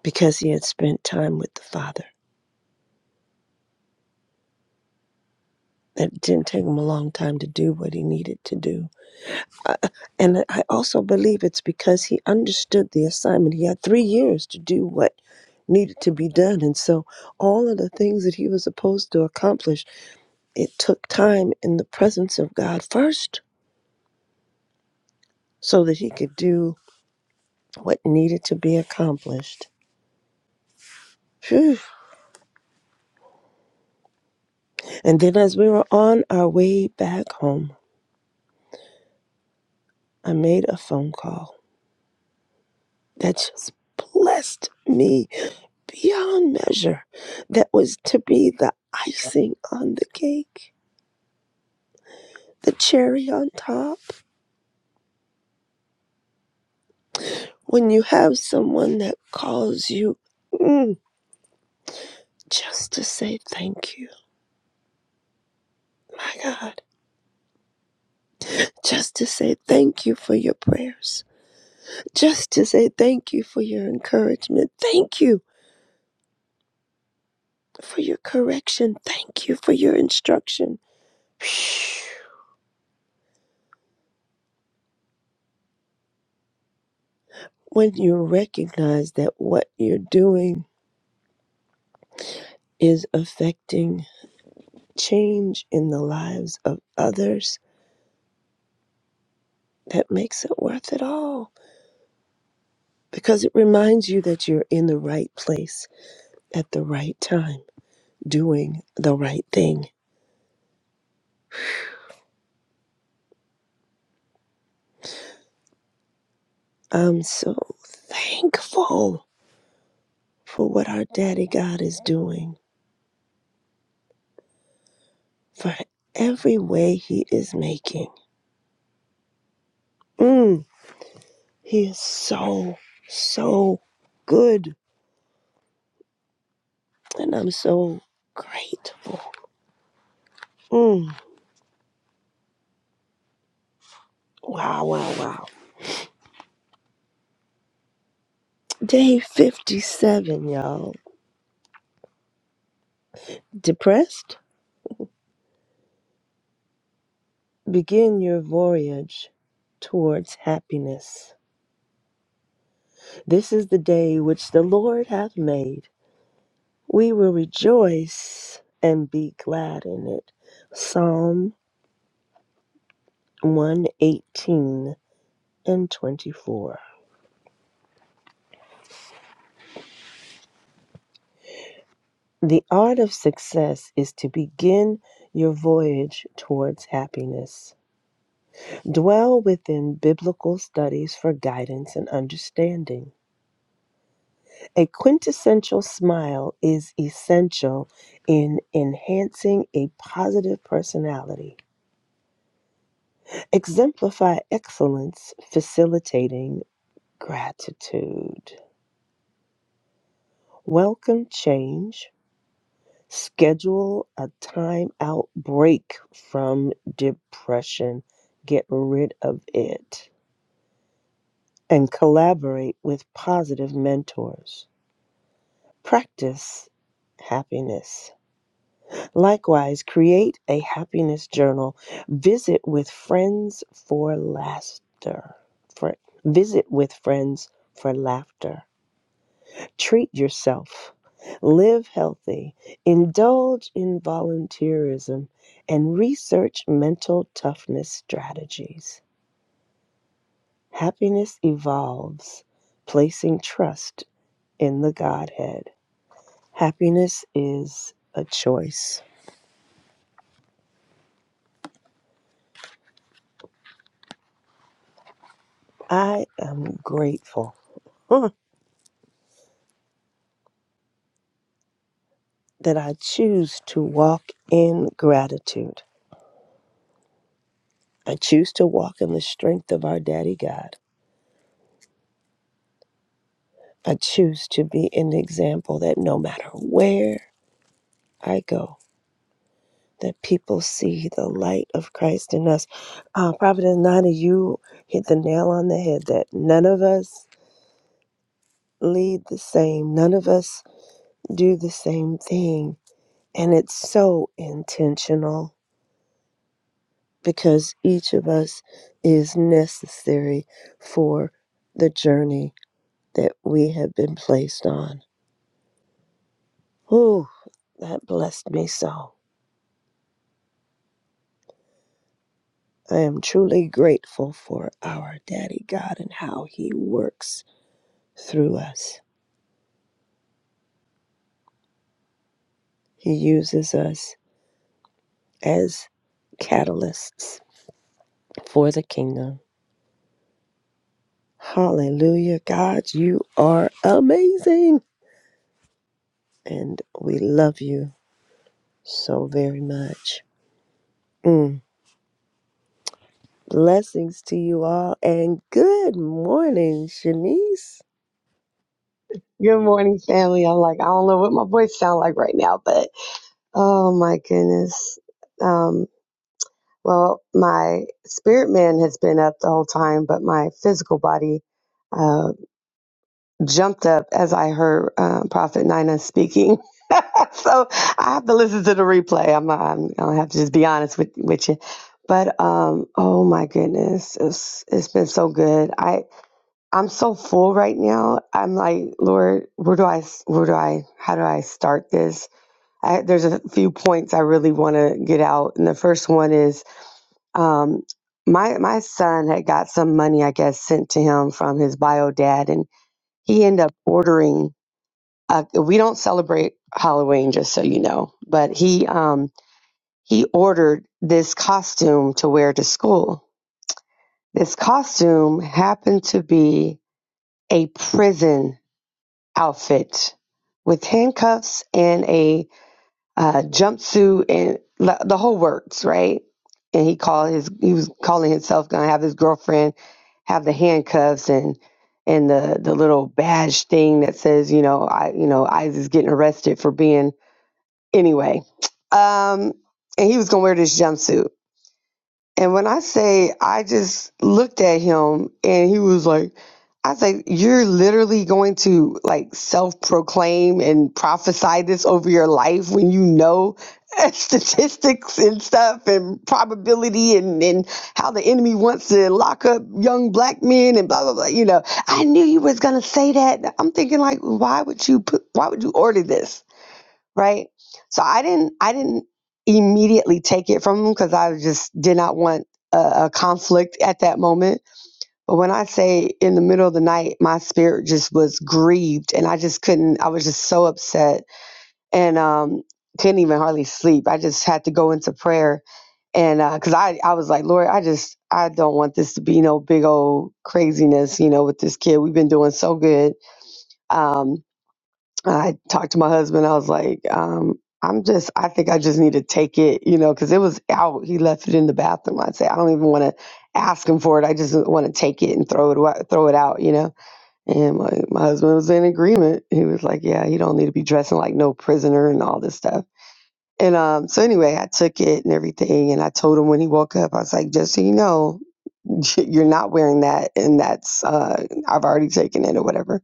[SPEAKER 2] because he had spent time with the Father. It didn't take him a long time to do what he needed to do. I, and I also believe it's because he understood the assignment. He had three years to do what needed to be done. And so all of the things that he was supposed to accomplish, it took time in the presence of God first so that he could do what needed to be accomplished. Phew. And then as we were on our way back home, I made a phone call that just blessed me beyond measure that was to be the icing on the cake, the cherry on top. When you have someone that calls you mm, just to say thank you, my God, just to say thank you for your prayers, just to say thank you for your encouragement, thank you for your correction, thank you for your instruction. When you recognize that what you're doing is affecting change in the lives of others that makes it worth it all because it reminds you that you're in the right place at the right time doing the right thing. I'm so thankful for what our daddy God is doing, for every way he is making. Mm, he is so, so good. And I'm so grateful. Mm, wow, wow, wow. Day 57, y'all Depressed? Begin your voyage towards happiness. This is the day which the Lord hath made. We will rejoice and be glad in it. Psalm 118 and 24. The art of success is to begin your voyage towards happiness. Dwell within biblical studies for guidance and understanding. A quintessential smile is essential in enhancing a positive personality. Exemplify excellence, facilitating gratitude. Welcome change. Schedule a time out break from depression. Get rid of it. And collaborate with positive mentors. Practice happiness. Likewise, create a happiness journal. Visit with friends for laughter. For visit with friends for laughter. Treat yourself. Live healthy. Indulge in volunteerism and research mental toughness strategies. Happiness evolves, placing trust in the Godhead. Happiness is a choice. I am grateful. that I choose to walk in gratitude. I choose to walk in the strength of our Daddy God. I choose to be an example that no matter where I go, that people see the light of Christ in us. Uh, Prophet Nana, you hit the nail on the head that none of us lead the same, none of us do the same thing. And it's so intentional because each of us is necessary for the journey that we have been placed on. Oh, that blessed me so. I am truly grateful for our Daddy God and how He works through us. He uses us as catalysts for the kingdom. Hallelujah. God, you are amazing. And we love you so very much. Mm. Blessings to you all, and good morning, Shanice.
[SPEAKER 5] Good morning, family. I'm like, I don't know what my voice sound like right now, but oh my goodness. Um, well, my spirit man has been up the whole time, but my physical body uh, jumped up as I heard uh, Prophet Nina speaking. so I have to listen to the replay. I'm, I'm I'll have to just be honest with with you. But um, oh my goodness, it's it's been so good. I'm so full right now. I'm like, Lord, where do I, where do I, how do I start this? I, there's a few points I really want to get out, and the first one is, um, my my son had got some money, I guess, sent to him from his bio dad, and he ended up ordering. Uh, we don't celebrate Halloween, just so you know, but he um he ordered this costume to wear to school. This costume happened to be a prison outfit with handcuffs and a uh, jumpsuit and l- the whole works, right? And he called his he was calling himself gonna have his girlfriend have the handcuffs and and the the little badge thing that says you know I you know Isaac's getting arrested for being anyway. Um, and he was gonna wear this jumpsuit. And when I say I just looked at him and he was like, I say, you're literally going to like self proclaim and prophesy this over your life when you know statistics and stuff and probability and, and how the enemy wants to lock up young black men and blah, blah, blah. You know, I knew you was going to say that. I'm thinking like, why would you put, why would you order this? right? So I didn't I didn't immediately take it from him because I just did not want a, a conflict at that moment. But when I say in the middle of the night, my spirit just was grieved and I just couldn't I was just so upset and um couldn't even hardly sleep. I just had to go into prayer and because uh, I, I was like lord i just i don't want this to be no big old craziness you know with this kid we've been doing so good Um, I talked to my husband. I was like, um, I'm just, I think I just need to take it, you know, because it was out. He left it in the bathroom. I'd say, I don't even want to ask him for it. I just want to take it and throw it, wa- throw it out, you know. And my, my husband was in agreement. He was like, yeah, you don't need to be dressing like no prisoner and all this stuff. And um, so anyway, I took it and everything, and I told him when he woke up, I was like, just so you know, you're not wearing that, and that's uh, I've already taken it or whatever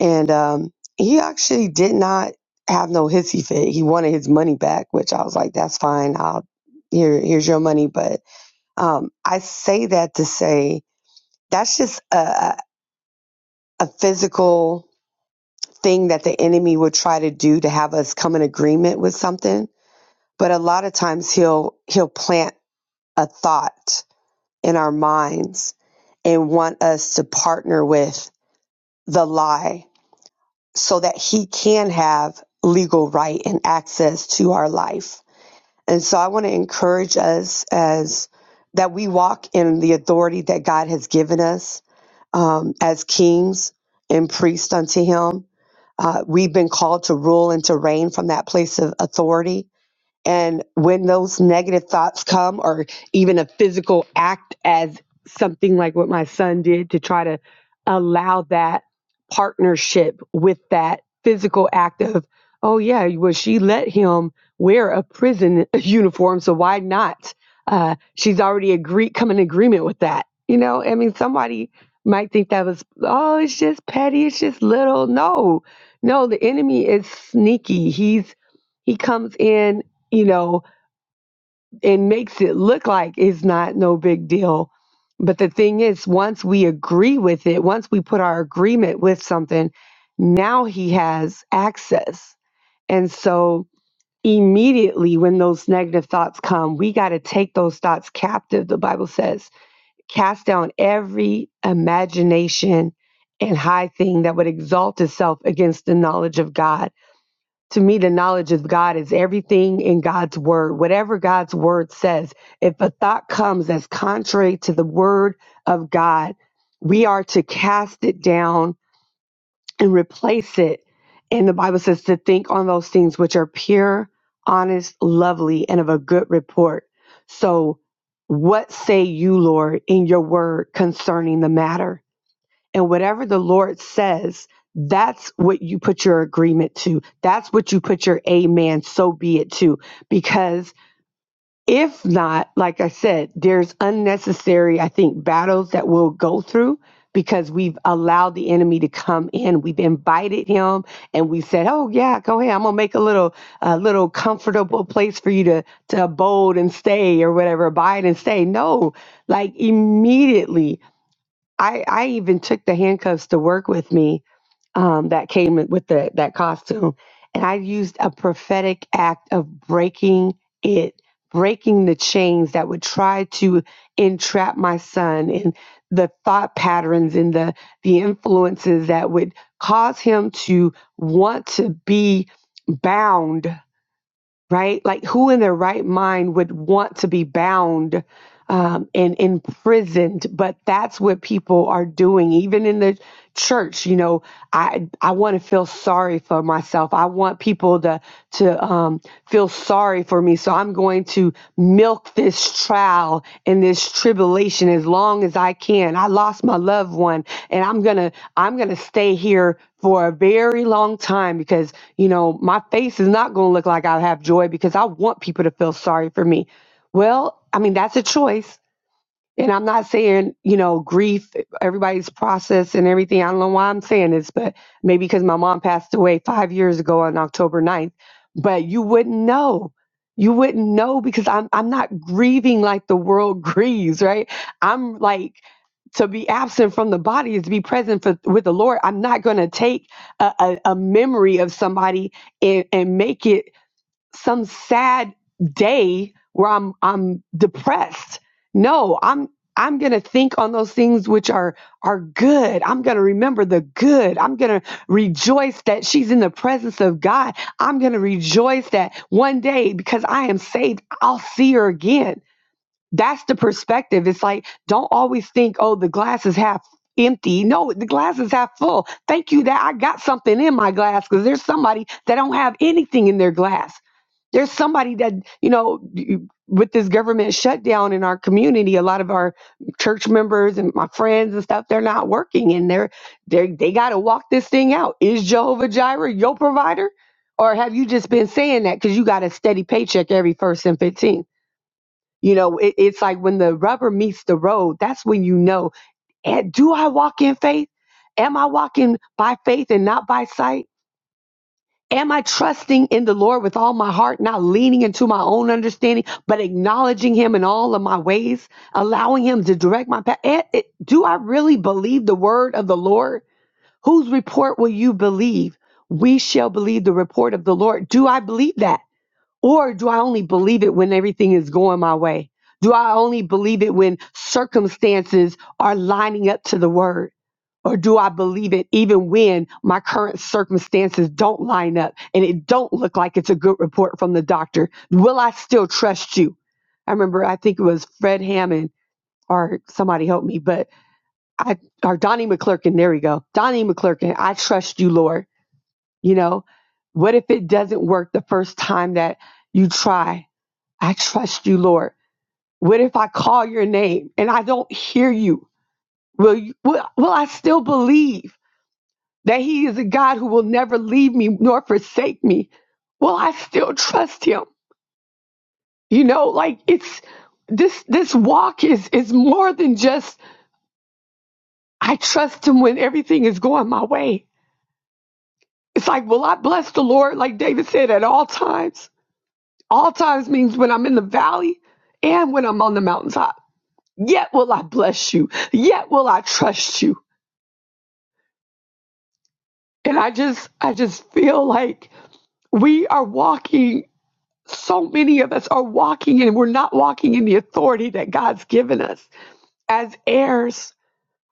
[SPEAKER 5] and um, he actually did not have no hissy fit. He wanted his money back, which I was like, "That's fine. I'll here. Here's your money." But um, I say that to say that's just a, a a physical thing that the enemy would try to do to have us come in agreement with something. But a lot of times he'll he'll plant a thought in our minds and want us to partner with the lie so that he can have legal right and access to our life. And so I want to encourage us as that we walk in the authority that God has given us um, as kings and priests unto him. Uh, we've been called to rule and to reign from that place of authority and when those negative thoughts come, or even a physical act as something like what my son did to try to allow that partnership with that physical act of, oh, yeah, well, she let him wear a prison uniform, so why not? Uh, she's already agreed, come in agreement with that. You know, I mean, somebody might think that was, oh, it's just petty, it's just little. No, no, the enemy is sneaky. He's, he comes in you know, and makes it look like it's not no big deal. But the thing is, once we agree with it, once we put our agreement with something, now he has access. And so immediately when those negative thoughts come, we got to take those thoughts captive, the Bible says. Cast down every imagination and high thing that would exalt itself against the knowledge of God to me, the knowledge of God is everything in God's word. Whatever God's word says, if a thought comes that's contrary to the word of God, we are to cast it down and replace it. And the Bible says to think on those things which are pure, honest, lovely, and of a good report. So, what say you, Lord, in your word concerning the matter? and whatever the Lord says, that's what you put your agreement to. That's what you put your amen, so be it to. Because if not, like I said, there's unnecessary, I think, battles that we'll go through because we've allowed the enemy to come in. We've invited him and we said, Oh yeah, go ahead. I'm gonna make a little a little comfortable place for you to to abode and stay or whatever, abide and stay. No, like immediately I, I even took the handcuffs to work with me um, that came with the, that costume. And I used a prophetic act of breaking it, breaking the chains that would try to entrap my son and the thought patterns and the, the influences that would cause him to want to be bound right? Like, who in their right mind would want to be bound um, and imprisoned? But that's what people are doing, even in the church. You know, I I want to feel sorry for myself. I want people to to um, feel sorry for me, so I'm going to milk this trial and this tribulation as long as I can. I lost my loved one, and I'm gonna I'm gonna stay here for a very long time because. You know, my face is not going to look like I have joy because I want people to feel sorry for me. Well, I mean, that's a choice and I'm not saying, you know, grief, everybody's process and everything. I don't know why I'm saying this, but maybe because my mom passed away five years ago on October ninth. But you wouldn't know. You wouldn't know because I'm I'm not grieving like the world grieves, right? I'm like to be absent from the body is to be present for, with the Lord. I'm not going to take a, a, a memory of somebody and, and make it some sad day where I'm I'm depressed. No, I'm I'm going to think on those things which are are good. I'm going to remember the good. I'm going to rejoice that she's in the presence of God. I'm going to rejoice that one day because I am saved, I'll see her again that's the perspective. It's like, don't always think, oh, the glass is half empty. No, the glass is half full. Thank you that I got something in my glass because there's somebody that don't have anything in their glass. There's somebody that, you know, you- with this government shutdown in our community, a lot of our church members and my friends and stuff, they're not working and they're, they they got to walk this thing out. Is Jehovah Jireh your provider? Or have you just been saying that because you got a steady paycheck every first and 15th? You know, it, it's like when the rubber meets the road, that's when you know, And do I walk in faith? Am I walking by faith and not by sight? Am I trusting in the Lord with all my heart, not leaning into my own understanding, but acknowledging Him in all of my ways, allowing Him to direct my path? Eh, eh, Do I really believe the word of the Lord? Whose report will you believe? We shall believe the report of the Lord. Do I believe that? Or do I only believe it when everything is going my way? Do I only believe it when circumstances are lining up to the word? Or do I believe it even when my current circumstances don't line up and it don't look like it's a good report from the doctor? Will I still trust you? I remember, I think it was Fred Hammond or somebody helped me, but I, or Donnie McClurkin, there we go. Donnie McClurkin, I trust you, Lord. You know, what if it doesn't work the first time that you try? I trust you, Lord. What if I call your name and I don't hear you? Will, you, will, will I still believe that He is a God who will never leave me nor forsake me? Will I still trust Him? You know, like it's this this walk is is more than just I trust Him when everything is going my way. It's like, will I bless the Lord, like David said, at all times? All times means when I'm in the valley and when I'm on the mountaintop. Yet will I bless you. Yet will I trust you. And I just, I just feel like we are walking. So many of us are walking and we're not walking in the authority that God's given us as heirs.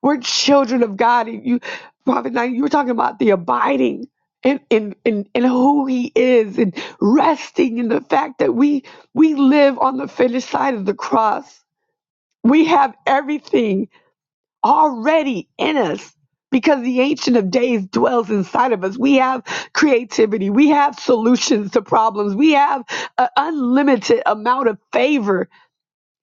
[SPEAKER 5] We're children of God. And you, Prophet, 9 you were talking about the abiding in, in, in, in who he is and resting in the fact that we, we live on the finished side of the cross. We have everything already in us because the Ancient of Days dwells inside of us. We have creativity, we have solutions to problems, we have an unlimited amount of favor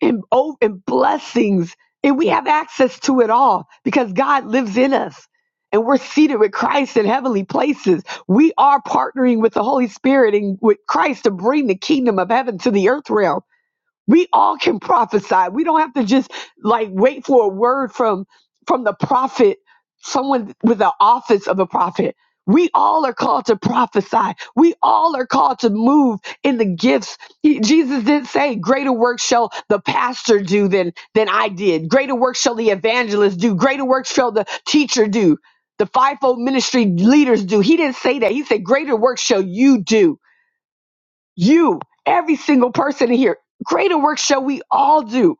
[SPEAKER 5] and, oh, and blessings, and we have access to it all because God lives in us. And we're seated with Christ in heavenly places. We are partnering with the Holy Spirit and with Christ to bring the kingdom of heaven to the earth realm we all can prophesy we don't have to just like wait for a word from from the prophet someone with the office of a prophet we all are called to prophesy we all are called to move in the gifts He- jesus did say greater work shall the pastor do than than i did greater work shall the evangelist do greater work shall the teacher do the fivefold ministry leaders do he didn't say that he said greater work shall you do you, every single person in here, greater work shall we all do.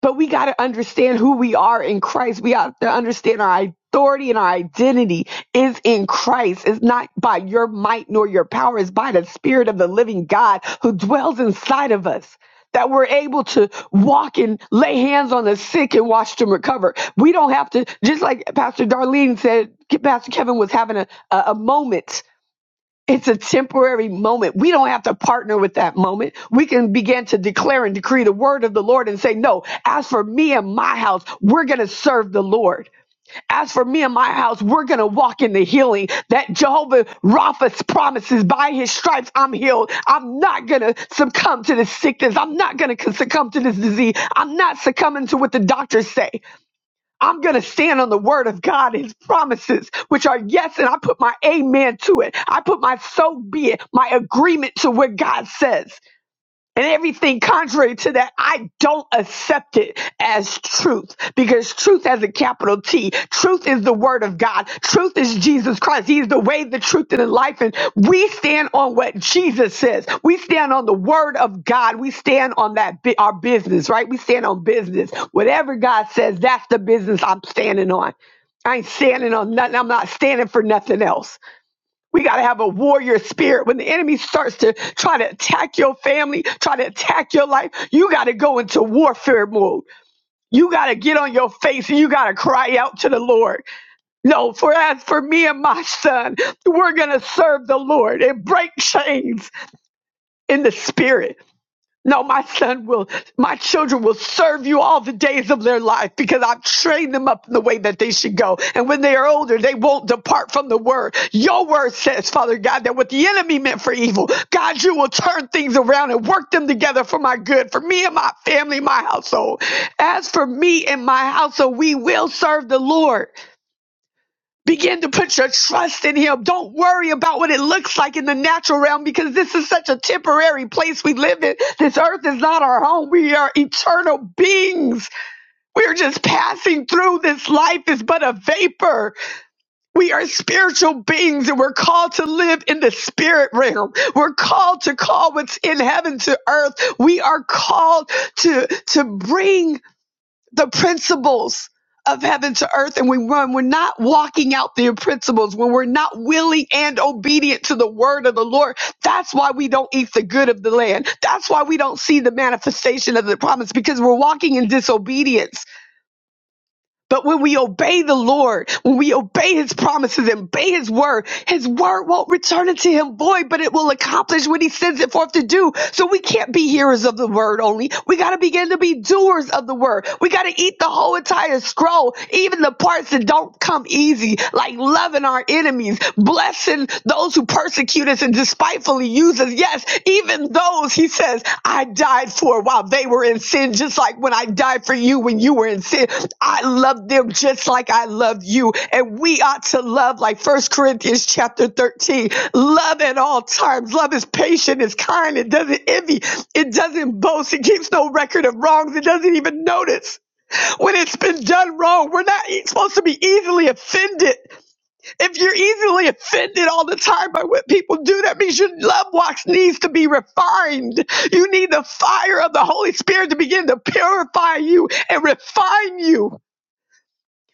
[SPEAKER 5] But we got to understand who we are in Christ. We have to understand our authority and our identity is in Christ. It's not by your might nor your power, it's by the Spirit of the living God who dwells inside of us. That we're able to walk and lay hands on the sick and watch them recover. We don't have to, just like Pastor Darlene said, Pastor Kevin was having a, a, a moment it's a temporary moment. We don't have to partner with that moment. We can begin to declare and decree the word of the Lord and say, No, as for me and my house, we're going to serve the Lord. As for me and my house, we're going to walk in the healing that Jehovah Rapha promises by his stripes, I'm healed. I'm not going to succumb to this sickness. I'm not going to succumb to this disease. I'm not succumbing to what the doctors say. I'm going to stand on the word of God, his promises, which are yes, and I put my amen to it. I put my so be it, my agreement to what God says and everything contrary to that, I don't accept it as truth because truth has a capital T. Truth is the word of God. Truth is Jesus Christ. He is the way, the truth, and the life. And we stand on what Jesus says. We stand on the word of God. We stand on that, bi- our business, right? We stand on business. Whatever God says, that's the business I'm standing on. I ain't standing on nothing. I'm not standing for nothing else. We got to have a warrior spirit. When the enemy starts to try to attack your family, try to attack your life, you got to go into warfare mode. You got to get on your face and you got to cry out to the Lord. No, for as for me and my son, we're going to serve the Lord and break chains in the spirit no, my son will, my children will serve you all the days of their life because I've trained them up in the way that they should go. And when they are older, they won't depart from the word. Your word says, Father God, that what the enemy meant for evil, God, you will turn things around and work them together for my good, for me and my family, my household. As for me and my household, we will serve the Lord. Begin to put your trust in Him. Don't worry about what it looks like in the natural realm because this is such a temporary place we live in. This earth is not our home. We are eternal beings. We're just passing through. This life is but a vapor. We are spiritual beings and we're called to live in the spirit realm. We're called to call what's in heaven to earth. We are called to, to bring the principles of heaven to earth and we run we're not walking out the principles when we're not willing and obedient to the word of the lord that's why we don't eat the good of the land that's why we don't see the manifestation of the promise because we're walking in disobedience but when we obey the Lord, when we obey his promises and obey his word, his word won't return unto him void, but it will accomplish what he sends it forth to do. So we can't be hearers of the word only. We got to begin to be doers of the word. We got to eat the whole entire scroll, even the parts that don't come easy, like loving our enemies, blessing those who persecute us and despitefully use us. Yes, even those, he says, I died for while they were in sin, just like when I died for you when you were in sin. I love them just like I love you. And we ought to love, like First Corinthians chapter 13, love at all times. Love is patient, it's kind, it doesn't envy, it doesn't boast, it keeps no record of wrongs, it doesn't even notice when it's been done wrong. We're not e- supposed to be easily offended. If you're easily offended all the time by what people do, that means your love walks needs to be refined. You need the fire of the Holy Spirit to begin to purify you and refine you.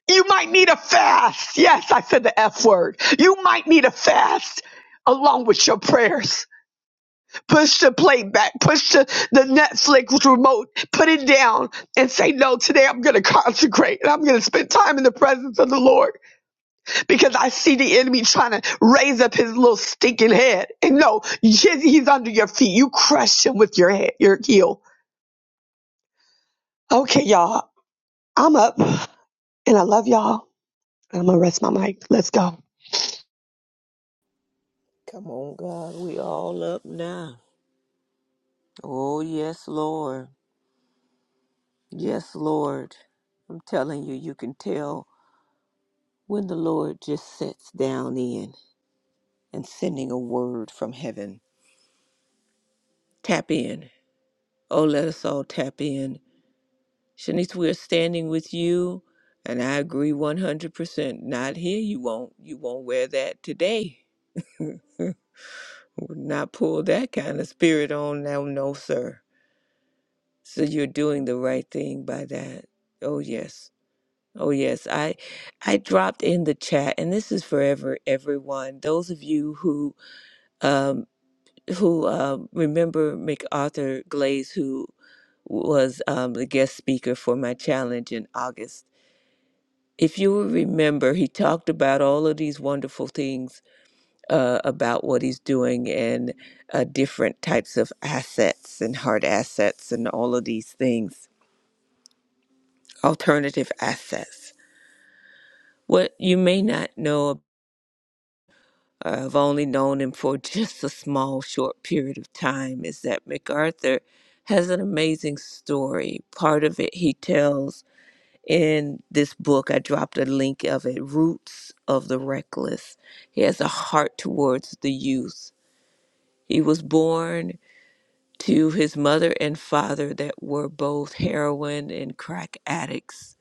[SPEAKER 5] You might need a fast. Yes, I said the F word. You might need a fast along with your prayers. Push the plate back, push the, the Netflix remote, put it down, and say, No, today I'm going to consecrate and I'm going to spend time in the presence of the Lord because I see the enemy trying to raise up his little stinking head. And no, he's, he's under your feet. You crush him with your head, your heel. Okay, y'all, I'm up and I love y'all. And I'm going to rest my mic. Let's go.
[SPEAKER 3] Come on, God, we all up now. Oh, yes, Lord. Yes, Lord. I'm telling you, you can tell when the Lord just sits down in and sending a word from heaven. Tap in. Oh, let us all tap in. Shanice, we are standing with you, and I agree 100%. Not here, you won't. You won't wear that today. Would not pull that kind of spirit on now, no, sir. So you're doing the right thing by that. Oh yes. Oh yes. I I dropped in the chat and this is for ever everyone. Those of you who um who um remember MacArthur Glaze who. was um, the guest speaker for my challenge in August. If you will remember, he talked about all of these wonderful things uh, about what he's doing and uh, different types of assets and hard assets and all of these things, alternative assets. What you may not know, uh, I've only known him for just a small, short period of time, is that MacArthur has an amazing story. Part of it he tells in this book. I dropped a link of it Roots of the Reckless. He has a heart towards the youth. He was born to his mother and father that were both heroin and crack addicts.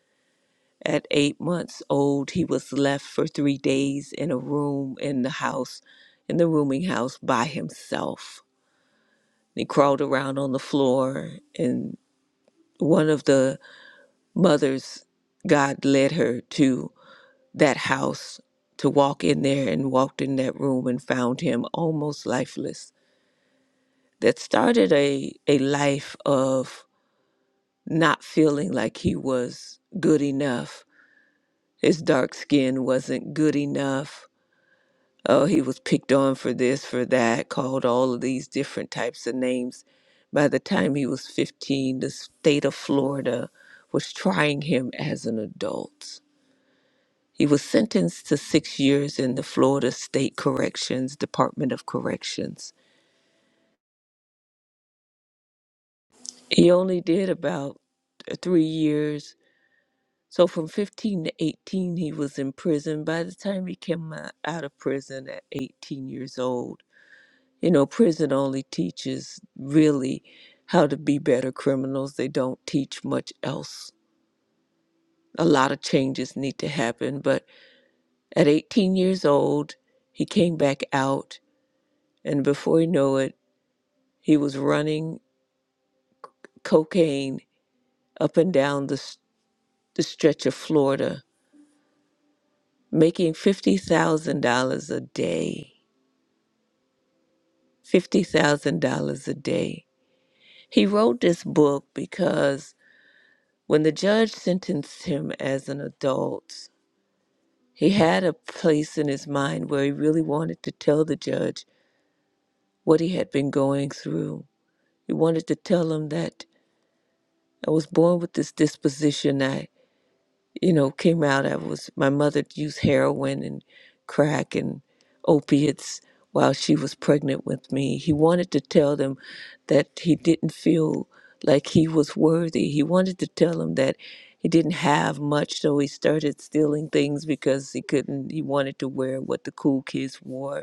[SPEAKER 3] At eight months old, he was left for three days in a room in the house, in the rooming house by himself. He crawled around on the floor, and one of the mothers God led her to. that house to walk in there and walked in that room and found him almost lifeless. That started a, a life of not feeling like he was good enough. His dark skin wasn't good enough. Oh, he was picked on for this, for that, called all of these different types of names. By the time he was 15, the state of Florida was trying him as an adult He was sentenced to six years in the Florida State Corrections Department of Corrections. He only did about uh, three years. So from 15 to 18, he was in prison. By the time he came o- out of prison at 18 years old, you know, prison only teaches really how to be better criminals. They don't teach much else. A lot of changes need to happen. But at 18 years old, he came back out. And before you know it, He was running cocaine up and down the, s- the stretch of Florida, making $50,000 a day. $50,000 a day. He wrote this book because when the judge sentenced him as an adult, he had a place in his mind where he really wanted to tell the judge what he had been going through. He wanted to tell him that I was born with this disposition. I you know, came out, I was, my mother used heroin and crack and opiates while she was pregnant with me. He wanted to tell them that he didn't feel like he was worthy. He wanted to tell them that he didn't have much, so he started stealing things because he couldn't, he wanted to wear what the cool kids wore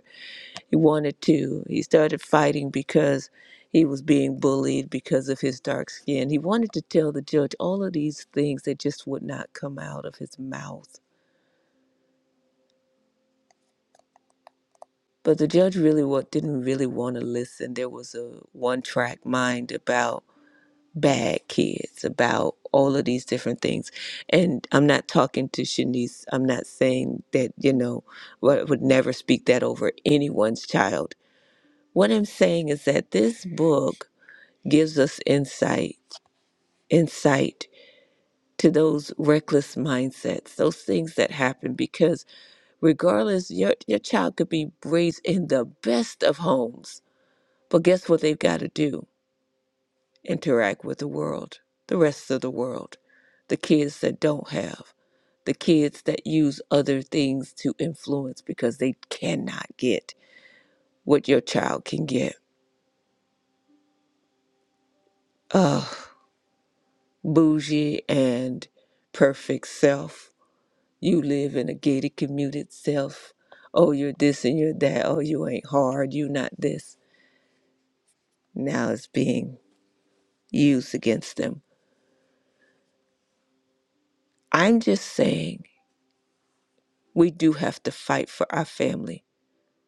[SPEAKER 3] he wanted to. He started fighting because he was being bullied because of his dark skin. He wanted to tell the judge all of these things that just would not come out of his mouth. But the judge really wa- didn't really want to listen. There was a one track mind about bad kids, about all of these different things. And I'm not talking to Shanice. I'm not saying that, you know, I would never speak that over anyone's child. What I'm saying is that this book gives us insight, insight to those reckless mindsets, those things that happen because regardless, your, your child could be raised in the best of homes. But guess what they've got to do? Interact with the world, the rest of the world, the kids that don't have, the kids that use other things to influence because they cannot get what your child can get. Ugh, bougie and perfect self You live in a gated commuted self. Oh, you're this and you're that. Oh, you ain't hard. You not this. Now it's being used against them. I'm just saying we do have to fight for our family.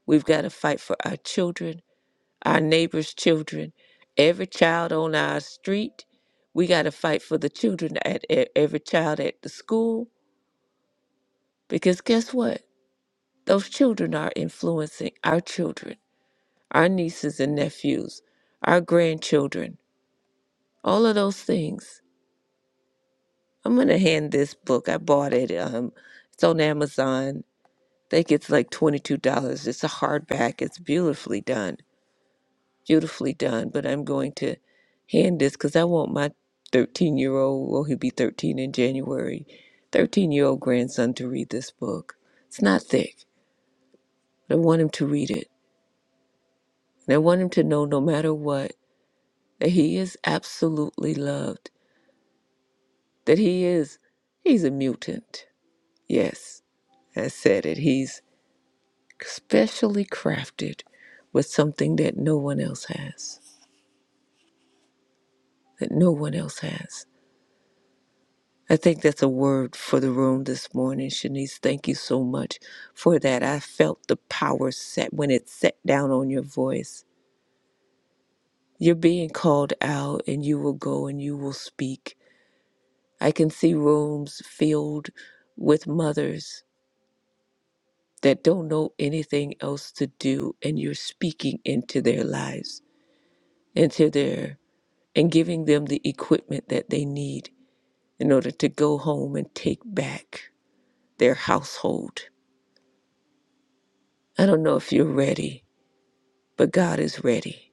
[SPEAKER 3] We've got to fight for our children, our neighbors' children, every child on our street. We got to fight for the children at e- every child at the school because guess what? Those children are influencing our children, our nieces and nephews, our grandchildren all of those things. I'm gonna hand this book. I bought it. Um, it's on Amazon. I think it's like twenty-two dollars. It's a hardback. It's beautifully done, beautifully done. But I'm going to hand this because I want my thirteen-year-old. Well, he'll be thirteen in January. Thirteen-year-old grandson to read this book. It's not thick, but I want him to read it, and I want him to know, no matter what, that he is absolutely loved. That he is, he's a mutant. Yes, has said it. He's specially crafted with something that no one else has, that no one else has. I think that's a word for the room this morning, Shanice. Thank you so much for that. I felt the power set when it set down on your voice. You're being called out, and you will go and you will speak. I can see rooms filled with mothers that don't know anything else to do, and you're speaking into their lives, into their and giving them the equipment that they need in order to go home and take back their household. I don't know if you're ready, but God is ready.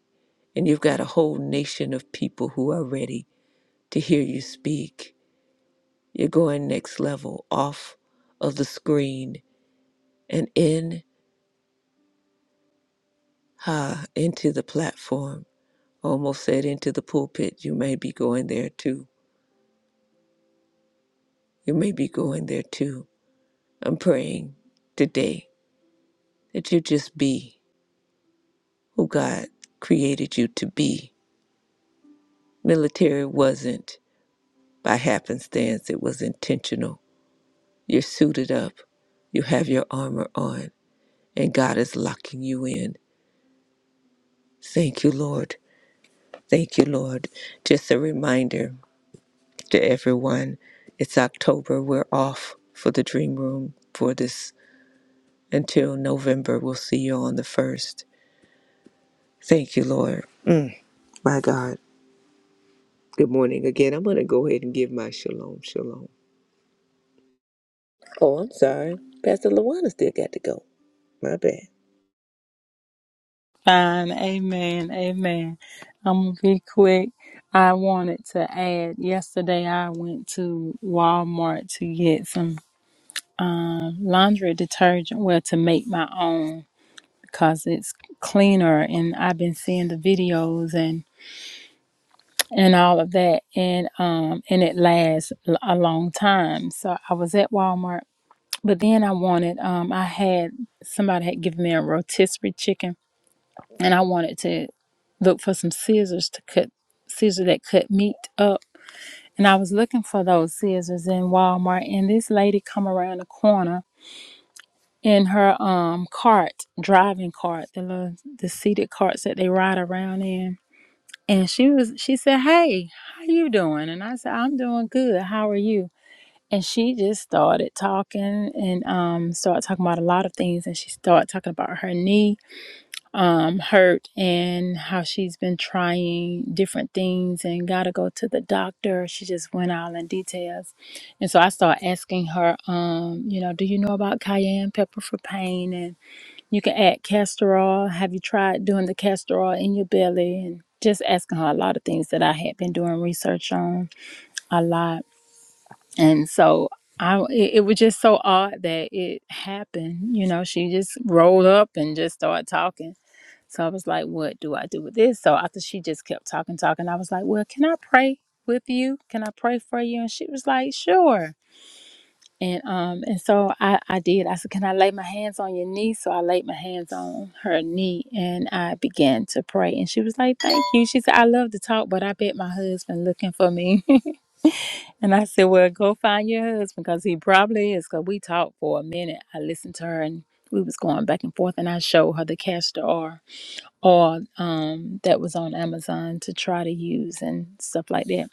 [SPEAKER 3] And you've got a whole nation of people who are ready to hear you speak. You're going next level off of the screen and in ha into the platform. Almost said into the pulpit. You may be going there too. You may be going there too. I'm praying today that you just be. who God created you to be. Military wasn't by happenstance, it was intentional. You're suited up, you have your armor on, and God is locking you in. Thank you, Lord. Thank you, Lord. Just a reminder to everyone it's October. We're off for the dream room for this until November. We'll see you on the 1st. Thank you, Lord. My God. Good morning again. I'm going to go ahead and give my shalom, shalom. Oh, I'm sorry. Pastor Lawana still got to go. My bad.
[SPEAKER 1] Fine. Amen. Amen. I'm going to be quick. I wanted to add yesterday I went to Walmart to get some laundry detergent, well, to make my own. because it's cleaner and I've been seeing the videos and and all of that and um and it lasts l- a long time. So I was at Walmart, but then I wanted um I had somebody had given me a rotisserie chicken and I wanted to look for some scissors to cut scissors that cut meat up. And I was looking for those scissors in Walmart and this lady come around the corner in her um cart, driving cart, the little the seated carts that they ride around in And she was she said, "Hey, how you doing?" And I said, "I'm doing good. How are you?" And she just started talking and um started talking about a lot of things and she started talking about her knee um hurt and how she's been trying different things and got to go to the doctor. She just went all in details. And so I started asking her um, you know, do you know about cayenne pepper for pain and. You can add castor oil. Have you tried doing the castor oil in your belly? And just asking her a lot of things that I had been doing research on a lot. And so I, it, it was just so odd that it happened. You know, she just rolled up and just started talking. So I was like, what do I do with this? So after she just kept talking, talking, I was like, well, can I pray with you? Can I pray for you? And she was like, sure. And um and so I I did. I said, "Can I lay my hands on your knee?" So I laid my hands on her knee and I began to pray. And she was like, "Thank you." She said, "I love to talk, but I bet my husband looking for me." and I said, "Well, go find your husband because he probably is." Because we talked for a minute. I listened to her and we was going back and forth, and I showed her the castor oil, oil um, that was on Amazon to try to use and stuff like that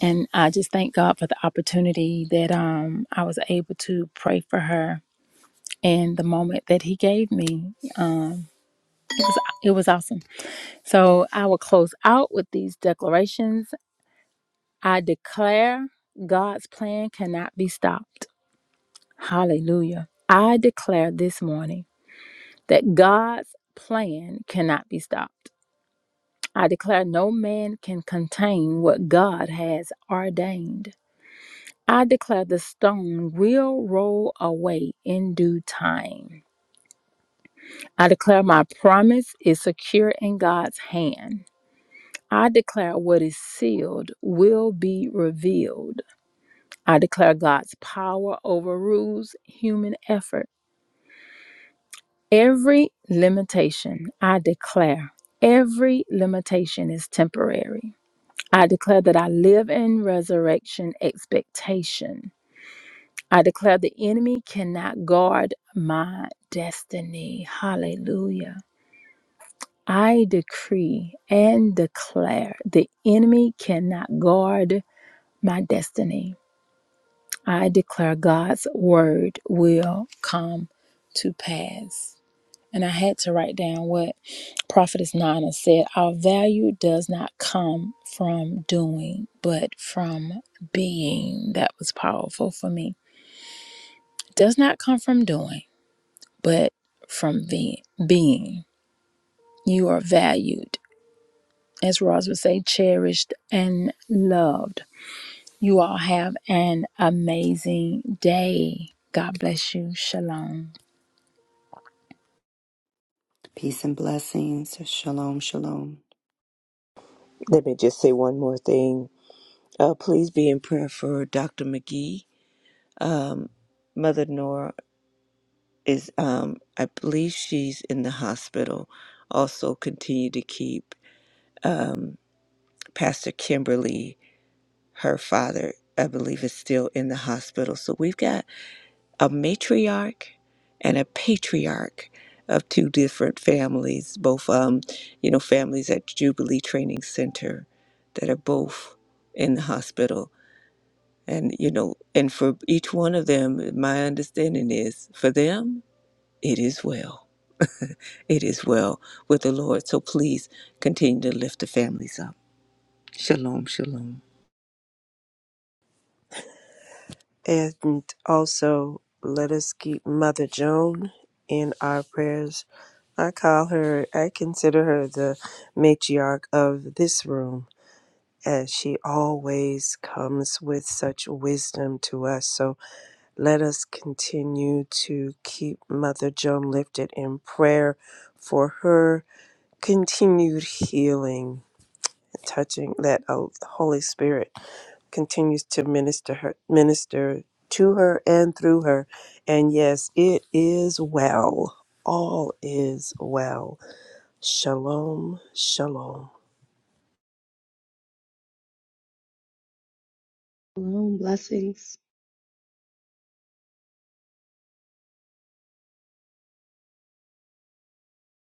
[SPEAKER 1] and I just thank God for the opportunity that um I was able to pray for her and the moment that he gave me um it was it was awesome. So I will close out with these declarations. I declare God's plan cannot be stopped. Hallelujah. I declare this morning that God's plan cannot be stopped. I declare no man can contain what God has ordained. I declare the stone will roll away in due time. I declare my promise is secure in God's hand. I declare what is sealed will be revealed. I declare God's power overrules human effort. Every limitation, I declare, every limitation is temporary. I declare that I live in resurrection expectation. I declare the enemy cannot guard my destiny. Hallelujah. I decree and declare the enemy cannot guard my destiny. I declare God's word will come to pass. And I had to write down what Prophetess Nana said Our value does not come from doing, but from being. That was powerful for me. Does not come from doing but from being. being. You are valued, as Roz would say, cherished and loved. You all have an amazing day. God bless you. Shalom.
[SPEAKER 4] Peace and blessings. Shalom, shalom.
[SPEAKER 3] Let me just say one more thing. Uh, please be in prayer for Dr. McGee. Um, Mother Nora is, um, I believe she's in the hospital. Also, continue to keep um, Pastor Kimberly, her father, I believe, is still in the hospital. So we've got a matriarch and a patriarch of two different families, both um, you know, families at Jubilee Training Center that are both in the hospital. And you know, and for each one of them, my understanding is for them, it is well. It is well with the Lord. So please continue to lift the families up. Shalom, shalom.
[SPEAKER 2] And also, let us keep Mother Joan in our prayers. I call her, I consider her the matriarch of this room, as she always comes with such wisdom to us. So let us continue to keep Mother Joan lifted in prayer for her continued healing touching that uh, the Holy Spirit continues to minister her minister to her and through her. And yes, it is well. All is well. Shalom, shalom.
[SPEAKER 5] Shalom, blessings.